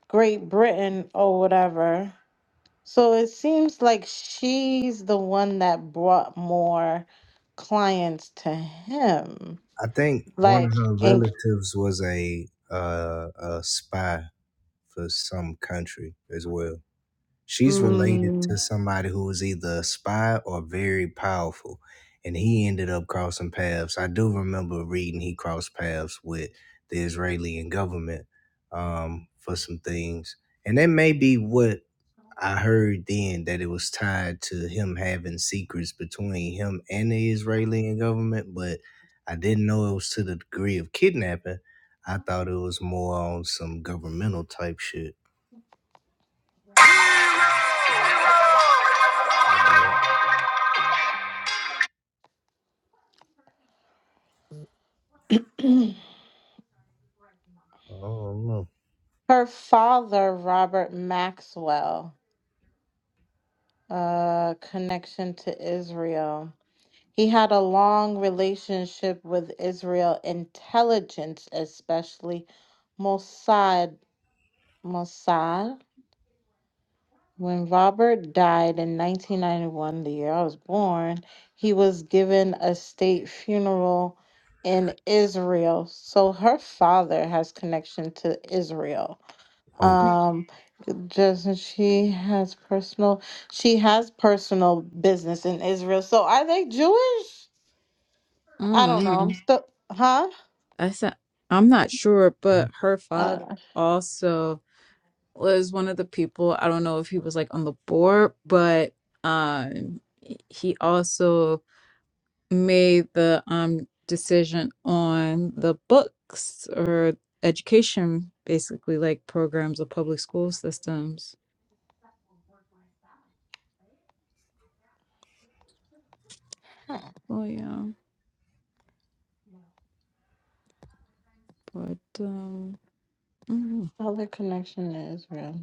[SPEAKER 10] Great Britain or whatever. So it seems like she's the one that brought more clients to him.
[SPEAKER 4] I think one of
[SPEAKER 10] Like
[SPEAKER 4] her
[SPEAKER 10] and
[SPEAKER 4] relatives was a uh, a spy for some country as well. She's related to
[SPEAKER 10] mm,
[SPEAKER 4] somebody who was either a spy or very powerful, and he ended up crossing paths. I do remember reading he crossed paths with the Israeli and government um, for some things, and that may be what I heard then that it was tied to him having secrets between him and the Israeli and government, but I didn't know it was to the degree of kidnapping. I thought it was more on some governmental type shit. I don't know.
[SPEAKER 10] her father, Robert Maxwell, uh connection to Israel. He had a long relationship with Israel intelligence, especially Mossad. Mossad. When Robert died in 1991, the year I was born, he was given a state funeral in Israel. So her father has connection to Israel.
[SPEAKER 4] Okay.
[SPEAKER 10] Um, just she has personal, she has personal business in Israel. So are they Jewish? I don't know. I'm
[SPEAKER 6] Mm.
[SPEAKER 10] still, huh?
[SPEAKER 6] I said I'm not sure, but her
[SPEAKER 10] Uh,
[SPEAKER 6] father also was one of the people. I don't know if he was like on the board, but um, he also made the um decision on the books or education, basically like programs of public school systems. Oh yeah. But um, mm.
[SPEAKER 10] other connection to Israel.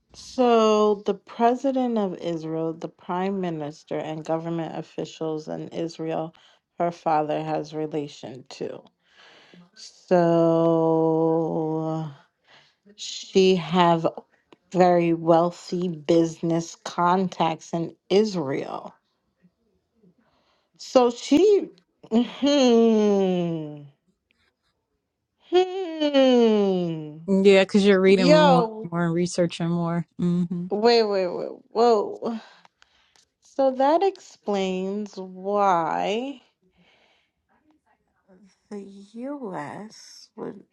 [SPEAKER 10] so, the president of Israel, the prime minister, and government officials in Israel, her father has relation to. So, she have very wealthy business contacts in Israel. So she, hmm, hmm.
[SPEAKER 6] yeah, because you're reading more,
[SPEAKER 10] Yo,
[SPEAKER 6] and more, and researching more. hmm I'm
[SPEAKER 10] wait, wait, wait, whoa. So that explains why The US would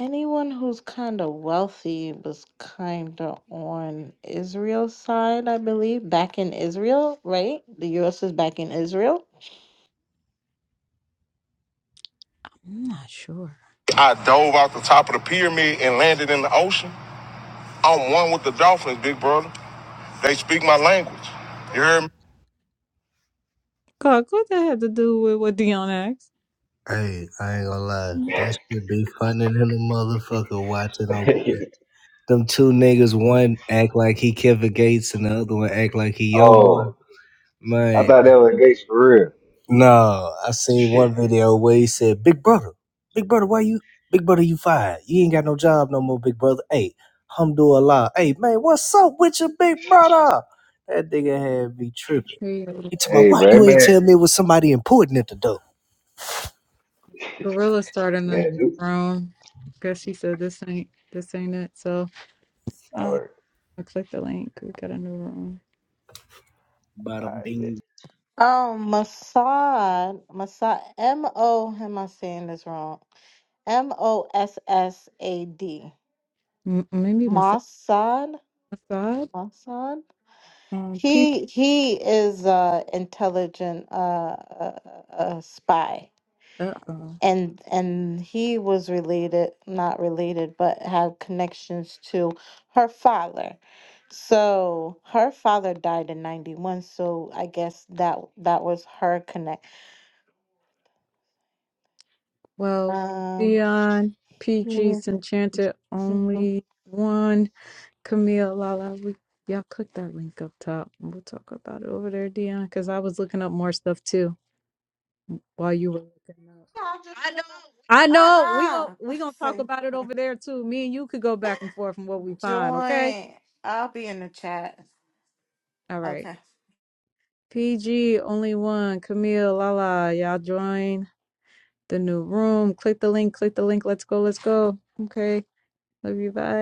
[SPEAKER 10] anyone who's kind of wealthy was kind of on Israel's side, I believe, back in Israel, right? The US is back in Israel.
[SPEAKER 6] not sure.
[SPEAKER 4] I dove out the top of the pyramid and landed in the ocean. I'm one with the dolphins, big brother. They speak my language. You hear me?
[SPEAKER 6] God, what that had to do with what Dion asked?
[SPEAKER 4] Hey, I ain't gonna lie. That
[SPEAKER 2] hood.
[SPEAKER 4] should be funny than a motherfucker watching them. Them two niggas, one act like he Kevin Gates and the other one act like he Youngboy.
[SPEAKER 2] oh, I
[SPEAKER 4] Man,
[SPEAKER 2] thought that was Gates for real.
[SPEAKER 4] No, I seen
[SPEAKER 2] Shit.
[SPEAKER 4] one video where he said, "Big brother, big brother, why you, big brother, you fired? You ain't got no job no more, big brother." Hey, Hamdulillah. Hey, man, what's up with your big brother? That nigga had me tripping.
[SPEAKER 6] There you go.
[SPEAKER 4] He told me,
[SPEAKER 2] Hey,
[SPEAKER 4] "Why
[SPEAKER 2] bro,
[SPEAKER 4] you ain't
[SPEAKER 2] man,
[SPEAKER 4] tell me it was somebody important at the door?"
[SPEAKER 6] Gorilla starting another
[SPEAKER 2] man,
[SPEAKER 6] room. Guess he said this ain't this ain't it. So
[SPEAKER 2] dude.
[SPEAKER 6] I click the link. We got a new room.
[SPEAKER 2] All
[SPEAKER 4] Bada
[SPEAKER 2] right, bitch.
[SPEAKER 4] bing.
[SPEAKER 10] Oh, Mossad, Mossad, M O. Am I saying this wrong? M O S S A D.
[SPEAKER 6] M- maybe Massa-
[SPEAKER 10] Mossad,
[SPEAKER 6] Massad.
[SPEAKER 10] Mossad.
[SPEAKER 6] Um, P.
[SPEAKER 10] He he is a intelligent uh, uh, uh, spy,
[SPEAKER 6] Uh oh.
[SPEAKER 10] and and he was related, not related, but had connections to her father. So her father died in ninety one. So I guess that that was her connect.
[SPEAKER 6] Well,
[SPEAKER 10] Um.
[SPEAKER 6] Dion
[SPEAKER 10] yeah,
[SPEAKER 6] PG's enchanted
[SPEAKER 10] mhm.
[SPEAKER 6] only one. Camille, Lala, we y'all click that link up top and we'll talk about it over there, Dion, because I was looking up more stuff too while you were looking up.
[SPEAKER 10] I know.
[SPEAKER 6] I know we gon'
[SPEAKER 10] Uh uh
[SPEAKER 6] we gonna talk about it over there too. Me and you could go back and forth from what we find, okay?
[SPEAKER 10] Join. I'll be in the chat.
[SPEAKER 6] All right.
[SPEAKER 10] Okay.
[SPEAKER 6] PG only one, Camille, Lala, y'all join the new room. Click the link, click the link. Let's go, let's go. Okay. Love you. Bye.